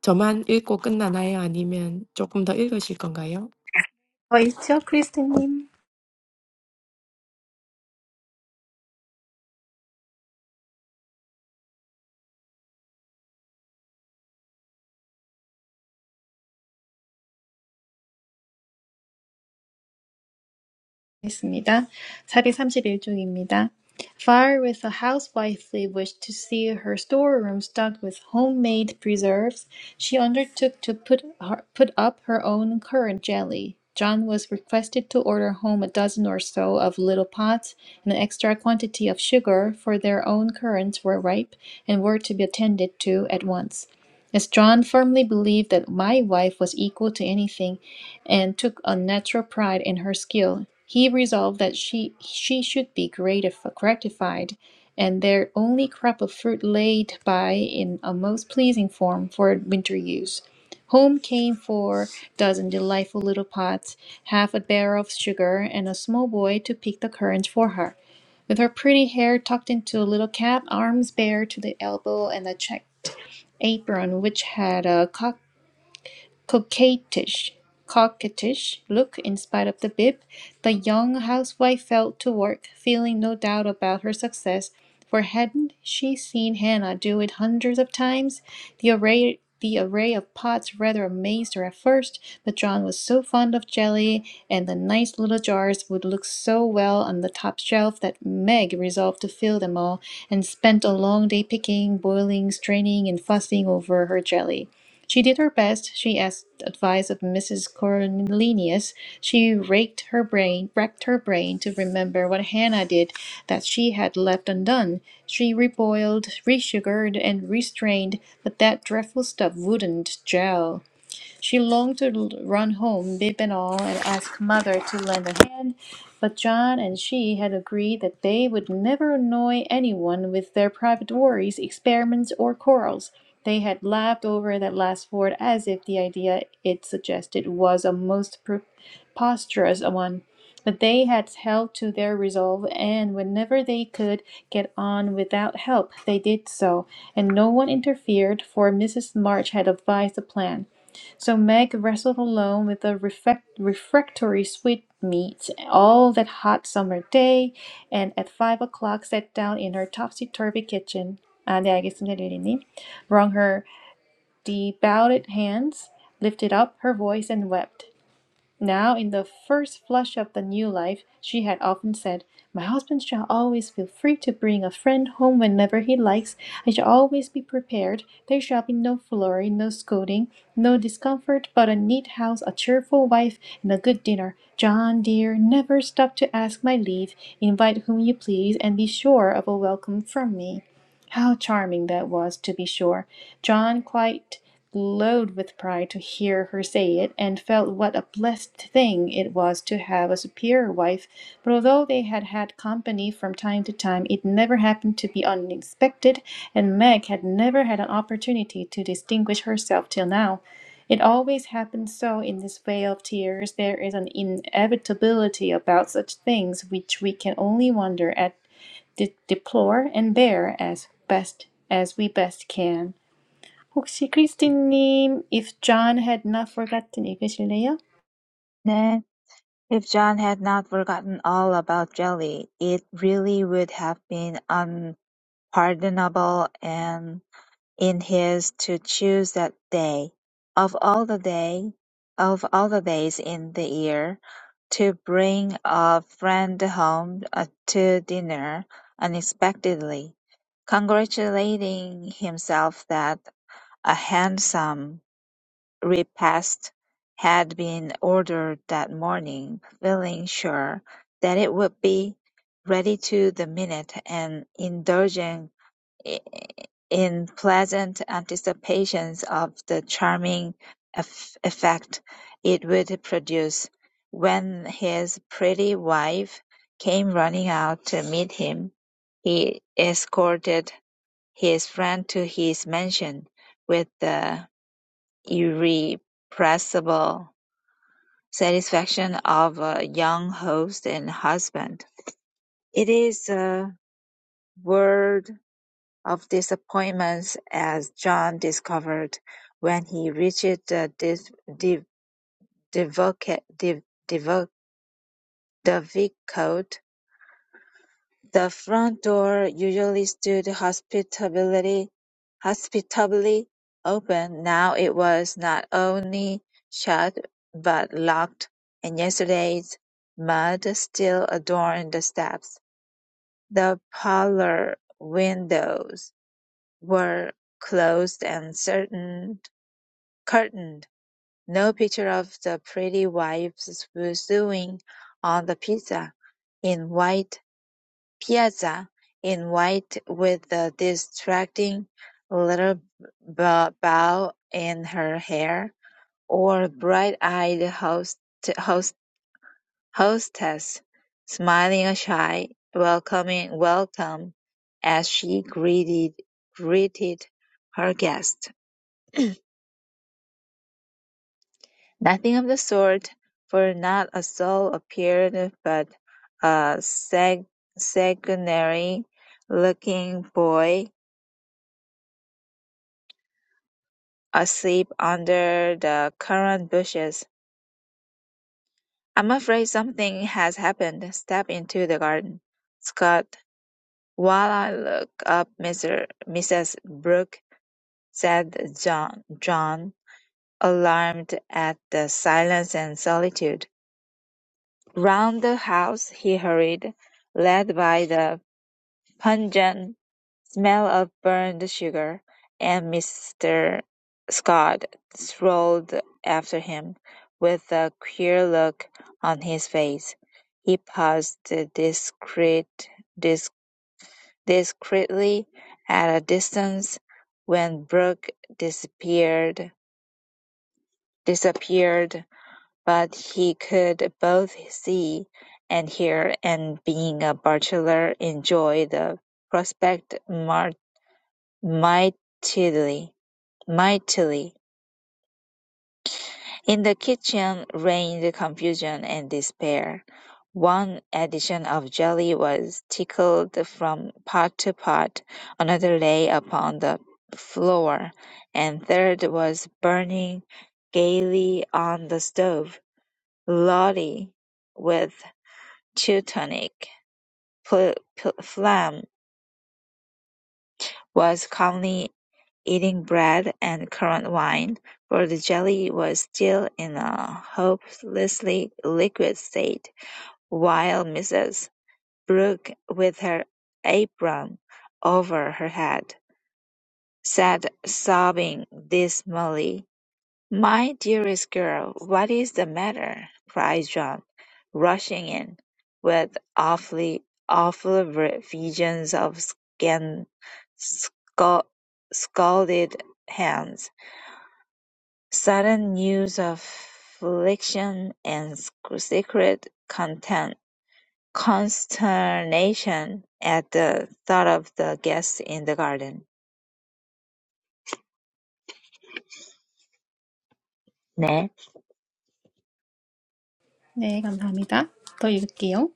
[SPEAKER 3] 저만 읽고 끝나나요? 아니면 조금 더 읽으실 건가요?
[SPEAKER 2] 어, 있죠, 크리스티님? 있습니다. 431쪽입니다. Fire with a housewifely wish to see her storeroom stocked with homemade preserves, she undertook to put, her, put up her own currant jelly. John was requested to order home a dozen or so of little pots and an extra quantity of sugar, for their own currants were ripe and were to be attended to at once. As John firmly believed that my wife was equal to anything, and took a natural pride in her skill. He resolved that she, she should be gratif- gratified, and their only crop of fruit laid by in a most pleasing form for winter use. Home came four dozen delightful little pots, half a barrel of sugar, and a small boy to pick the currant for her. With her pretty hair tucked into a little cap, arms bare to the elbow, and a checked apron which had a coquettish, coquettish look in spite of the bib, the young housewife fell to work, feeling no doubt about her success, for hadn't she seen Hannah do it hundreds of times? The array the array of pots rather amazed her at first, but John was so fond of jelly, and the nice little jars would look so well on the top shelf that Meg resolved to fill them all, and spent a long day picking, boiling, straining, and fussing over her jelly. She did her best. She asked advice of Mrs. Cornelius. She raked her brain, racked her brain to remember what Hannah did that she had left undone. She reboiled, resugared, and restrained, but that dreadful stuff wouldn't gel. She longed to run home, bib and all, and ask mother to lend a hand, but John and she had agreed that they would never annoy anyone with their private worries, experiments, or quarrels. They had laughed over that last word as if the idea it suggested was a most preposterous one. But they had held to their resolve, and whenever they could get on without help, they did so, and no one interfered, for Mrs. March had advised the plan. So Meg wrestled alone with the refect- refractory sweetmeats all that hot summer day, and at five o'clock sat down in her topsy-turvy kitchen. 아, 네, 알겠습니다, 릴리님. Wrung her debowed hands, lifted up her voice, and wept. Now, in the first flush of the new life, she had often said, My husband shall always feel free to bring a friend home whenever he likes. I shall always be prepared. There shall be no flurry, no scolding, no discomfort, but a neat house, a cheerful wife, and a good dinner. John, dear, never stop to ask my leave. Invite whom you please, and be sure of a welcome from me. How charming that was, to be sure! John quite glowed with pride to hear her say it, and felt what a blessed thing it was to have a superior wife. But although they had had company from time to time, it never happened to be unexpected, and Meg had never had an opportunity to distinguish herself till now. It always happens so in this vale of tears. There is an inevitability about such things which we can only wonder at, de- deplore, and bear as best as we best can. 혹시 크리스틴님, If John had not forgotten 읽으실래요?
[SPEAKER 4] 네, if John had not forgotten all about Jelly, it really would have been unpardonable and In his To choose that day, of all the day of all the days in the year, to bring a friend home uh, to dinner unexpectedly, congratulating himself that a handsome repast had been ordered that morning, feeling sure that it would be ready to the minute, and indulging in pleasant anticipations of the charming eff- effect it would produce, when his pretty wife came running out to meet him, he escorted his friend to his mansion with the irrepressible satisfaction of a young host and husband. It is a world of disappointments as John discovered when he reached the div- div- divoca- div- divo- Divicote. The front door usually stood hospitably, hospitably open. Now it was not only shut but locked, and yesterday's mud still adorned the steps. The parlor windows were closed and certain Curtained. No picture of the pretty wives sewing on the pizza, in white piazza in white with a distracting little bow in her hair, or bright-eyed host, host, hostess smiling a shy welcoming welcome as she greeted greeted her guest. Nothing of the sort, for not a soul appeared but a sag- sanguinary-looking boy, asleep under the currant bushes. "I'm afraid something has happened. Step into the garden, Scott, while I look up Mr. Mrs. Brooke," said John, John, alarmed at the silence and solitude. Round the house he hurried, led by the Pungent smell of burned sugar, and Mr. Scott strolled after him, with a queer look on his face. He paused discreet, disc, discreetly at a distance when Brooke disappeared, disappeared, but he could both see and hear, and being a bachelor enjoyed the prospect much. Mightily, mightily. In the kitchen reigned confusion and despair. One addition of jelly was tickled from pot to pot, another lay upon the floor, and third was burning gaily on the stove. Lolly, with Teutonic pl- pl- phlegm, was calmly Eating bread and currant wine, for the jelly was still in a hopelessly liquid state, while Mrs. Brooke, with her apron over her head, said, sobbing dismally, "My dearest girl, what is the matter?" cried John, rushing in, with awfully awful visions of scan, scal- scalded hands. Sudden news of affliction and secret content- consternation at the thought of the guests in the garden. 네.
[SPEAKER 2] 네, 감사합니다. 더 읽을게요.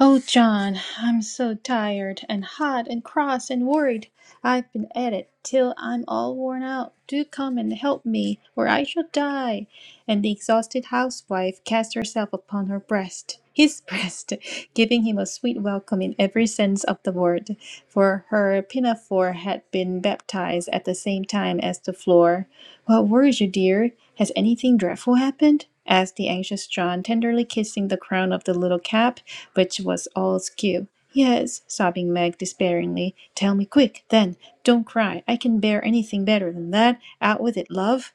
[SPEAKER 2] Oh, John, I'm so tired and hot and cross and worried. I've been at it till I'm all worn out. Do come and help me, or I shall die. And the exhausted housewife cast herself upon her breast, his (laughs) breast, giving him a sweet welcome in every sense of the word, for her pinafore had been baptized at the same time as the floor. What worries you, dear? Has anything dreadful happened? asked the anxious John, tenderly kissing the crown of the little cap, which was all askew. Yes, sobbing Meg despairingly. Tell me quick, then. Don't cry. I can bear anything better than that. Out with it, love.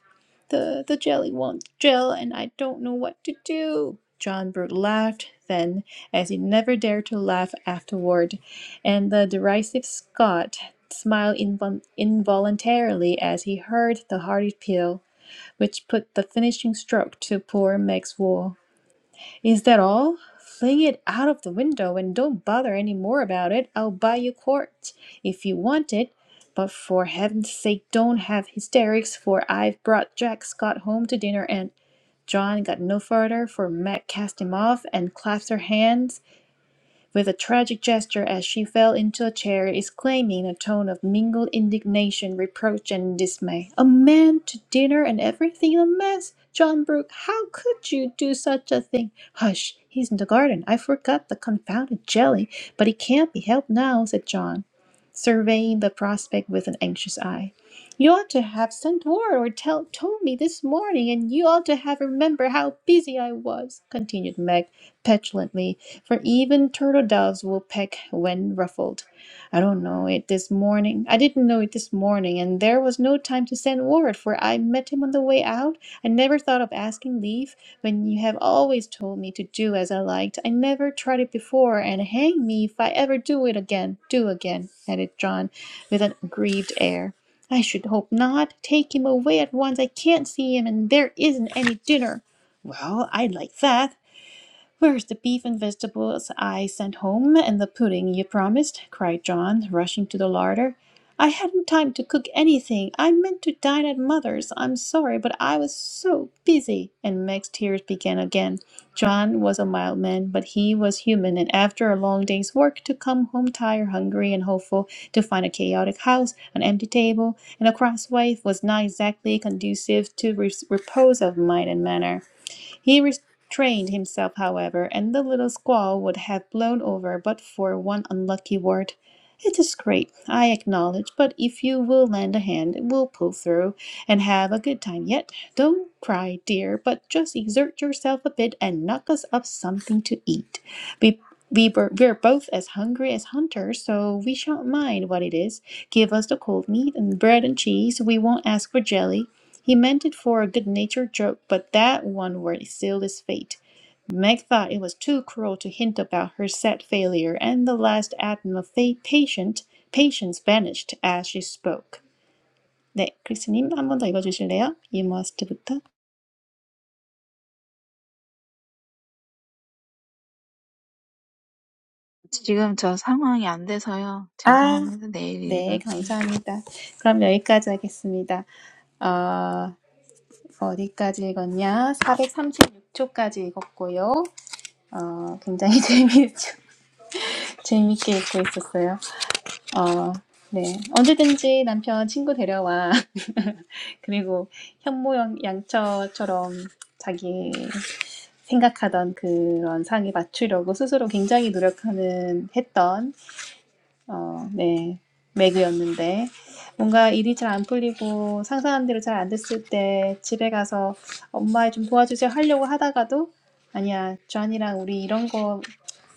[SPEAKER 2] The the jelly won't gel, and I don't know what to do. John Brooke laughed then, as he never dared to laugh afterward. And the derisive Scot smiled invol- involuntarily as he heard the hearty peal which put the finishing stroke to poor Meg's wool. Is that all? Fling it out of the window and don't bother any more about it. I'll buy you quart if you want it. But for heaven's sake, don't have hysterics, for I've brought Jack Scott home to dinner and John got no further, for Meg cast him off and clasped her hands with a tragic gesture as she fell into a chair, exclaiming in a tone of mingled indignation, reproach, and dismay, "A man to dinner and everything a mess! John Brooke, how could you do such a thing? Hush, he's in the garden. I forgot the confounded jelly, but it can't be helped now," said John, surveying the prospect with an anxious eye. You ought to have sent word or tell, told me this morning, and you ought to have remembered how busy I was, continued Meg petulantly, for even turtle doves will peck when ruffled. I don't know it this morning. I didn't know it this morning, and there was no time to send word, for I met him on the way out. I never thought of asking leave when you have always told me to do as I liked. I never tried it before, and hang me if I ever do it again. Do again, added John with an aggrieved air. I should hope not. Take him away at once. I can't see him, and there isn't any dinner. Well, I'd like that, Where's the beef and vegetables I sent home, and the pudding you promised?" cried John, rushing to the larder. "I hadn't time to cook anything. I meant to dine at mother's. I'm sorry, but I was so busy." And Meg's tears began again. John was a mild man, but he was human, and after a long day's work, to come home tired, hungry, and hopeful, to find a chaotic house, an empty table, and a cross wife was not exactly conducive to re- repose of mind and manner. He trained himself, however, and the little squall would have blown over but for one unlucky word. It is great, I acknowledge, but if you will lend a hand, we'll pull through and have a good time yet. Don't cry, dear, but just exert yourself a bit and knock us up something to eat. We we were, we're both as hungry as hunters, so we shan't mind what it is. Give us the cold meat and bread and cheese. We won't ask for jelly. He meant it for a good-natured joke, but that one word sealed his fate. Meg thought it was too cruel to hint about her sad failure, and the last atom of a patient, patience vanished as she spoke. 네, 크리스님 한번 더 읽어주실래요? You must부터.
[SPEAKER 4] 지금 저 상황이 안 돼서요.
[SPEAKER 2] 아,
[SPEAKER 4] 죄송합니다. 내일
[SPEAKER 2] 네,
[SPEAKER 4] 읽을게요.
[SPEAKER 2] 감사합니다. 그럼 여기까지 하겠습니다. 어, 어디까지 읽었냐? 436초까지 읽었고요. 어, 굉장히 (laughs) 재미, 재밌게 읽고 있었어요. 어, 네. 언제든지 남편 친구 데려와. (laughs) 그리고 현모 양- 처처럼 자기 생각하던 그런 상에 맞추려고 스스로 굉장히 노력하는 했던 어, 네. 매그였는데 뭔가 일이 잘 안 풀리고 상상한 대로 잘 안 됐을 때 집에 가서 엄마 좀 도와주세요 하려고 하다가도 아니야, 주한이랑 우리 이런 거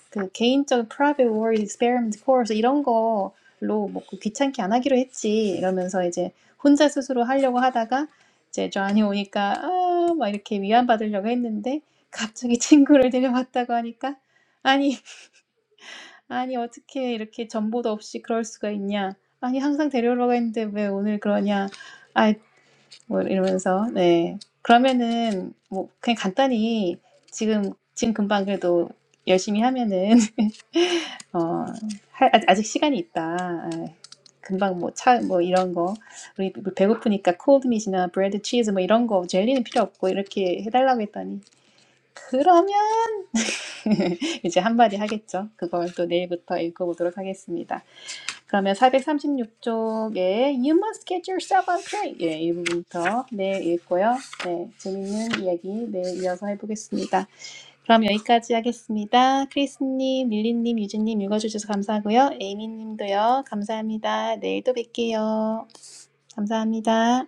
[SPEAKER 2] 그 개인적 private war experiment course 이런 거로 뭐 그 귀찮게 안 하기로 했지 이러면서 이제 혼자 스스로 하려고 하다가 이제 존이 오니까 아, 막 이렇게 위안받으려고 했는데 갑자기 (laughs) 친구를 데려왔다고 하니까 아니 아니 어떻게 이렇게 정보도 없이 그럴 수가 있냐 아니 항상 데려오라고 했는데 왜 오늘 그러냐 아이 뭐 이러면서 네 그러면은 뭐 그냥 간단히 지금 지금 금방 그래도 열심히 하면은 어, 할- 아- 아직 시간이 있다. 아, 금방 뭐 차 뭐 이런 거 우리 배고프니까 콜드밋이나 브레드 치즈 뭐 이런 거 젤리는 필요 없고 이렇게 해달라고 했더니 그러면 (laughs) 이제 한마디 하겠죠. 그걸 또 내일부터 읽어보도록 하겠습니다. 그러면 436쪽에 You must get yourself on track 예, 이 부분부터 내일 읽고요. 네, 재밌는 이야기 내일 이어서 해보겠습니다. 그럼 여기까지 하겠습니다. 크리스님, 릴리님, 유진님 읽어주셔서 감사하고요. 에이미님도요. 감사합니다. 내일 또 뵐게요. 감사합니다.